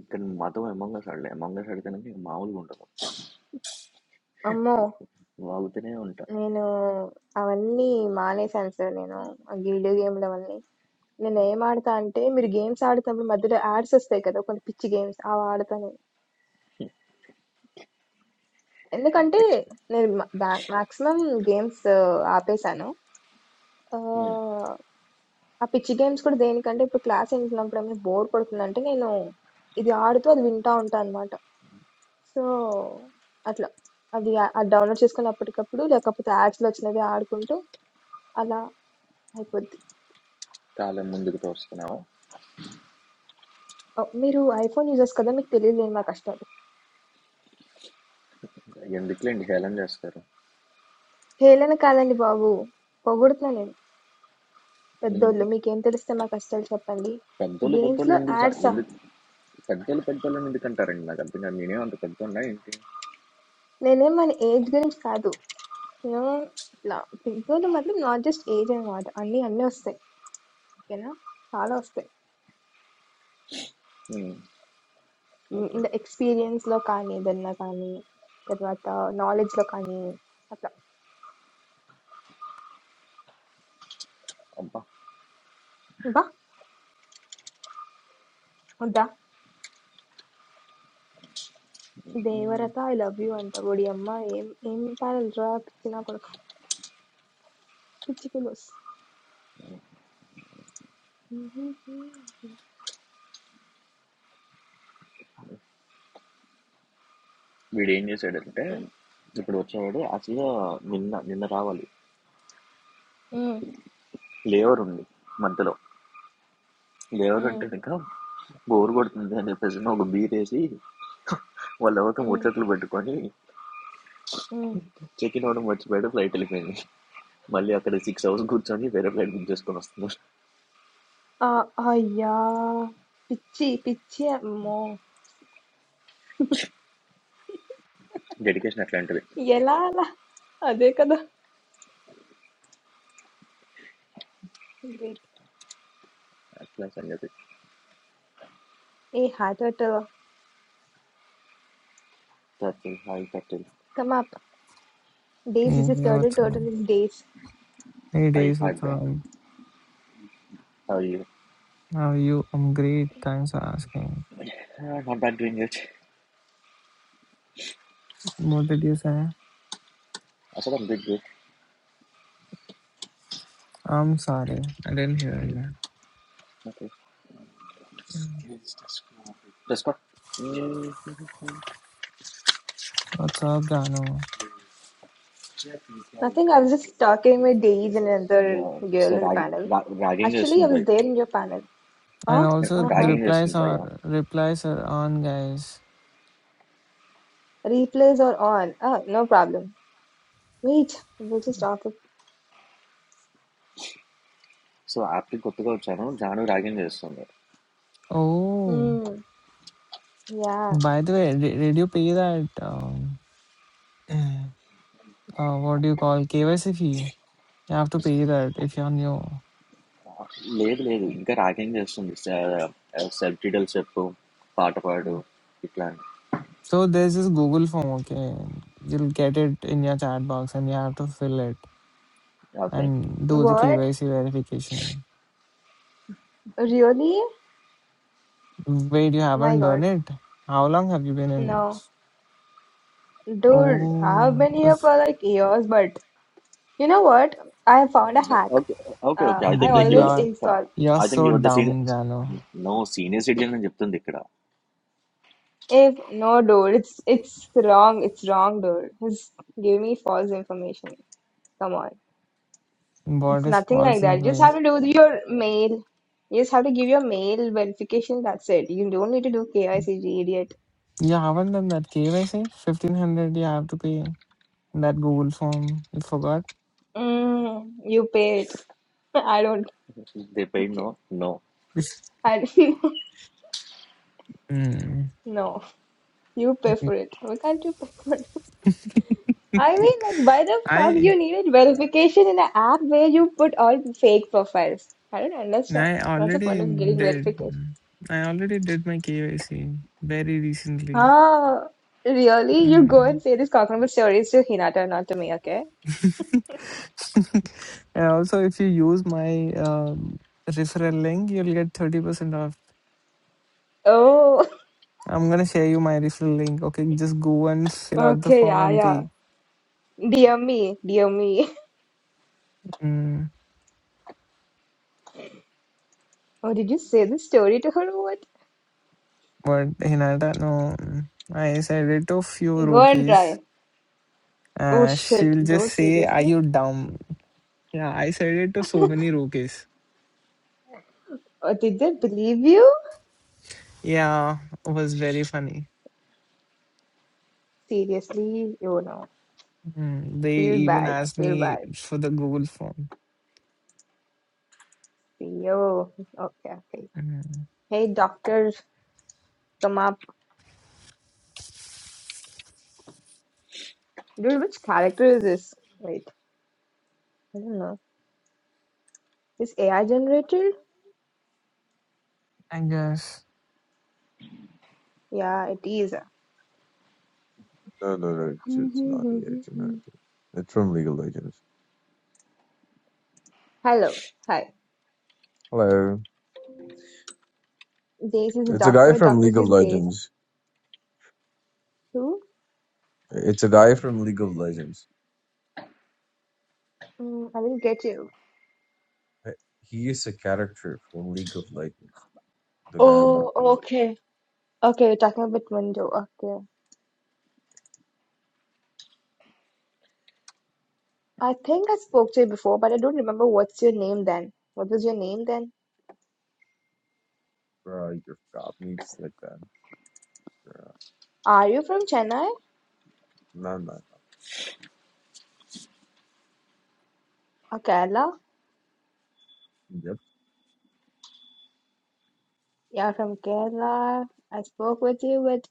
ఇక్కడ మాతో ఎమంగస్ ఆడలే ఎమంగస్ ఆడితేనే మామూలుగా ఉంటాము అమ్మో! వాగుతూనే ఉంటా నేను అవన్నీ మానేశాను సార్ నేను. ఆ వీడియో గేమ్‌లు అవన్నీ. నేను ఏం ఆడతా అంటే మీరు గేమ్స్ ఆడుతున్నప్పుడు మధ్యలో యాడ్స్ వస్తాయి కదా! కొన్ని పిచ్చి గేమ్స్ అవి ఆడతా నేను. ఎందుకంటే ఎక్స్పెక్ట్ నేను మ- బ్యా- మాక్సిమం గేమ్స్ ఆపేశాను. ఆహ్, ఆ పిచ్చి గేమ్స్ కూడా దేనికంటే ఇప్పుడు క్లాస్ వింటున్నప్పుడు ఏమైనా బోర్ కొడుతుందంటే నేను ఇది ఆడుతూ అది వింటా ఉంటాను సో అట్లా అది అది డౌన్లోడ్ చేసుకొని అప్పటికప్పుడు లేకపోతే యాడ్స్లో వచ్చినది ఆడుకుంటూ అలా అయిపోద్ది చాలా ముందుకు తోస్తున్నావు ఓ, మీరు ఐఫోన్ యూజర్స్ కదా మీకు తెలియలేని మా కష్టాలు ఎందుకులేండి హేళన చేస్తారు హేళన కాదండి బాబు పొగుడుతున్నా నేను ఉమ్. పెద్దోళ్ళు మీకేం తెలిస్తే మా కష్టాలు చెప్పండి పెద్దోళ్ళు పెద్దోళ్ళు గేమ్స్లో ఎందుకు సా- యాడ్సా ఎందుకు పెద్దోళ్ళు పెద్దోళ్ళని ఎందుకు అంటారండి నాకు అర్థం కాదు నేనే అంత పెద్దోళ్ళ ఏంటి నేనేం మన ఏజ్ గురించి కాదు నేను ఇట్లా పెద్దోళ్ళు మాత్రం నాట్ జస్ట్ ఏజ్ అనమాట అన్నీ అన్నీ వస్తాయి ఓకేనా చాలా వస్తాయి ఉమ్, ఓకే ఇంకా ఎక్స్పీరియన్స్లో కానీ ఏదన్నా కానీ తర్వాత knowledge లో కానీ అబ్బా అట్లా వద్దా? దేవరత ఐ లవ్ యూ అంట. ఓడియమ్మ ఏం ఏం పాడాలి రా పిచ్చి నా కొడుకు. పిచ్చి ఫిలోస్. వీడు ఏం చేశాడంటే ఇప్పుడు వచ్చేవాడు అసలు నిన్న నిన్న రావాలి లేవర్ ఉంది మధ్యలో లేవర్ అంటే ఇంకా బోర్ కొడుతుంది అని చెప్పేసి ఒక బీర్ వేసి వాళ్ళు ఎవరితో ముచ్చట్లు పెట్టుకొని చెక్ ఇన్ అవ్వడం మర్చిపోయాడు ఫ్లైట్ వెళ్ళిపోయింది మళ్ళీ అక్కడ సిక్స్ అవర్స్ కూర్చొని వేరే ఫ్లైట్ బుక్ చేసుకొని వస్తున్నారు ఆ, అయ్యా పిచ్చి పిచ్చి అమ్మో డెడికేషన్ అట్లాంటిది ఎలా అలా అదే కదా గ్రేట్ అట్లా సంగతి ఏ హార్ట్ అటాక్ కట్టెల్ హాయ్ కట్టెల్ come up Days Hey, is is turtle what's up? Turtle is Days Hey, hi Days, hi what's bro up? Hi How are you? I'm great. Thanks for asking. Not bad doing it What did you say? అసలు big good I'm sorry. I didn't hear you. Okay plus What's up, Dano? Nothing I was just talking with Days and other so girl in the panel ragging actually చేస్తుంది ఐ వాస్ భయ there in your panel And also, the ragging చేస్తుంది replies భయ are replies are on, guys. Replays are on. Ah, no problem. Wait, we'll just talk. ab- so యాప్కి కొత్తగా వచ్చాను జాను ర్యాగింగ్ చేస్తుంది Oh, Mm, yeah. by the way, di- did you pay that? Um, uh, what do you call KYC fee? You have to pay that if you're new. లేదు లేదు ఇంకా రాగేం చేస్తుంది సెల్ డీటెయిల్ చెప్పు పాట పాడు Mm. ఇట్లా So there's this Google form. Okay, you'll get it in your chat box, and you have to fill it. Okay and do the What? KYC verification. Really? Wait, you Oh my haven't god. done it? How long have you been in? No. Dude, I have Oh, been here it's, for like years, but you know what? I have found a hack. Okay okay okay I Uh, I think like your always yeah, install. you're I think so your the senior dumb, Jano. No senior citizen అని చెప్తుంది ఇక్కడ If no, dude, it's it's wrong. It's wrong, dude. It's giving me false information. Come on, it's What is nothing false like that. You just have information? to do your mail. You just have to give your mail verification. That's it. You don't need to do KYCG, idiot. You haven't done that KYC? 1500 you have to pay. That Google form, you forgot? Mm, you pay it. I don't. They paid Okay. No no I Mm. no. You pay for it. Why can't you pay for it? I mean, like, why the fuck I I you needed verification in an app where you put all fake profiles? I don't understand. What's the point already of getting did. verification? I already did my KYC very recently. Ah, really? You go Mm. and say these cockroach stories to Hinata, not to me, okay? and also, if you use my um, referral link, you'll get 30% off. Oh, I'm gonna share you my referral link. Okay, just go and fill out the okay, form yeah, and yeah. pay. Dear me, dear me. Mm, Oh, did you say this story to her or what? but Hinata, no, mm, I said it to few Go and rookies. try. Oh Uh, shit, she'll just dude, say, "Are seriously? you dumb?" Yeah, I said it to so many rookies. Uh, did they believe you? Yeah, it was very funny. Seriously? Oh no. Mm, they Feel even bad. I asked feel me bad. for the Google form. See, oh, okay, okay. Mm, Hey, doctor, come up. Dude, which character is this? Wait, I don't know. Is AI generated? I guess. Yeah, it is. No, no, no. It's, it's not the Legend. Okay. It's from League of Legends. Hello. Hi. Hello. This is It's a guy doctor. from Doctor League of is Days. Legends. Who? It's a guy from League of Legends. Mm, I didn't get you. Uh, He is a character from League of Legends. The guy I'm Oh, refer- okay. Okay, we're talking about window. Okay. I think I spoke to you before, but I don't remember what's your name then. What was your name then? bro, you forgot me just like that. Bro. Are you from Chennai No, no, no. or Kerala? Yep. You're from Kerala. I spoke with you, but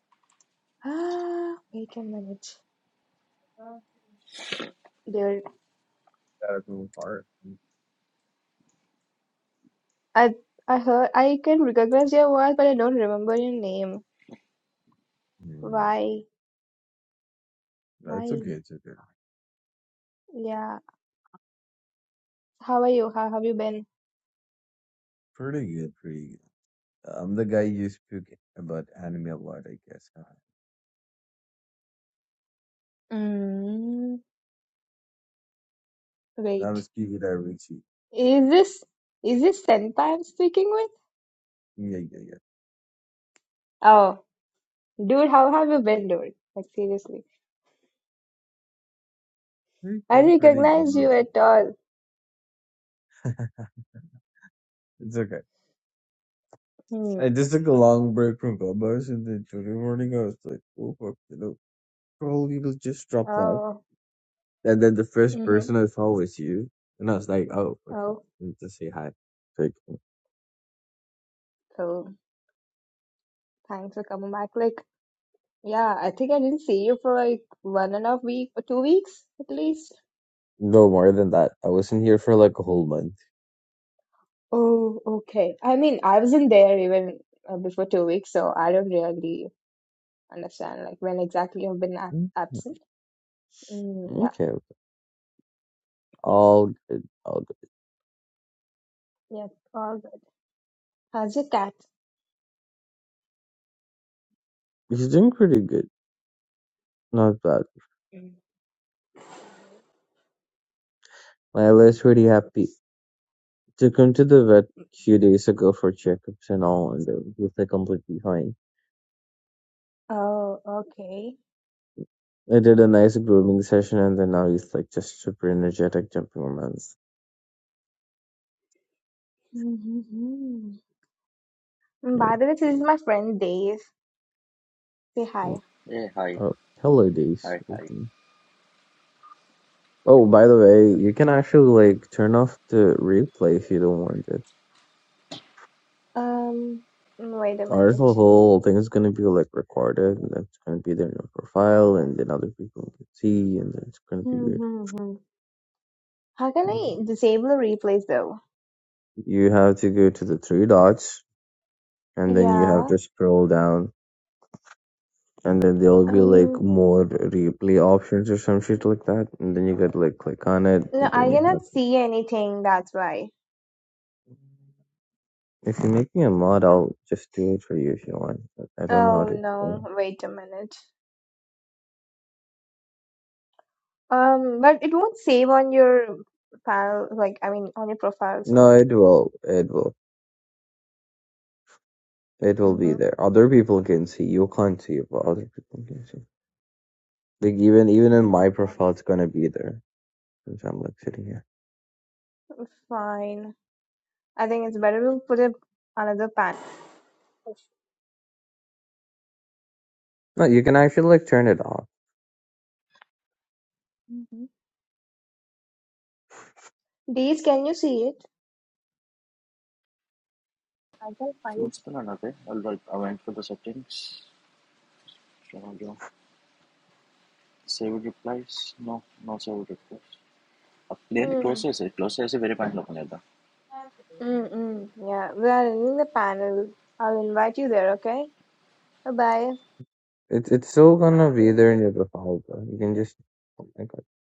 ah, wait a minute, dude. Gotta move apart. I I heard I can recognize your voice, but I don't remember your name. Hmm. Why? It's Why? okay. It's okay. Yeah. How are you? How have you been? Pretty good. Pretty good. I'm the guy you speak about anime a lot, I guess. Uh, Mm, That wait. was Kiwi Daiichi. Is this is this Senpai I'm speaking with? Yeah, yeah, yeah. Oh, dude, how have you been, dude? Like seriously, Pretty I good. Pretty good. recognize no you problem. at all. It's okay. Hmm. I just took a long break from Clubhouse, and then today morning I was like, "Oh fuck, you know, probably will just drop by." Oh. And then the first Mm-hmm. person I saw was you, and I was like, "Oh, okay, Oh. I need to say hi." Like, Cool. Thanks for coming back. Like, yeah, I think I didn't see you for like one and a half week or two weeks at least. no more than that. I wasn't here for like a whole month. Oh, okay. I mean, I wasn't there even uh, before two weeks, so I don't really understand like when exactly you've been ab Mm, absent. Mm, yeah, Okay, yes, all good, all good. yes, all good. How's your cat? He's doing pretty good, not bad. Mm. Lila's pretty happy. Took him to the vet a few days ago for checkups and all, and uh, he's like completely fine. Oh, okay. I did a nice grooming session, and then now he's like just super energetic, jumping around. Mm, By Yeah. the way, this is my friend Dave. Say hi. Hey hi Oh, hello, Days. Hi hi Welcome. Oh, by the way, you can actually like turn off the replay if you don't want it. Um, wait a Our minute. whole thing is gonna be like recorded, and that's gonna be there in your profile, and then other people can see, and then it's gonna be Hmm. weird. Hmm. hmm. How can I disable the replays though? You have to go to the three dots, and then you have Yeah. to scroll down and then there will be like Um, more replay options or some shit like that. And then you could like click on it, no, and I then you cannot have. to. see anything, that's why. If you make me a mod, I'll just do it for you if you want. But I don't know how Oh to no, explain. wait a minute. Um, but it won't save on your file, like, I mean, on your profile, so. No, it will. It will. It will be Mm-hmm. there. Other people can see. You can't see, it, but other people can see. Like even even mm-hmm, in my Okay, profile, it's gonna be there since I'm like sitting here. fine. I think it's better to put it another panel. No, you can actually like turn it off. hmm These, can you see it? I can find it. చూస్తున్నాను అదే I went for the settings save replies no no save replies లేదు Hmm. క్లోజ్ చేసి క్లోజ్ చేసి వేరే పాయింట్లో పని Mm-mm. Yeah, we are in the panel. I'll invite you there, okay? Bye-bye. It's it's still gonna be there in your profile. Though. You can just. Oh my god.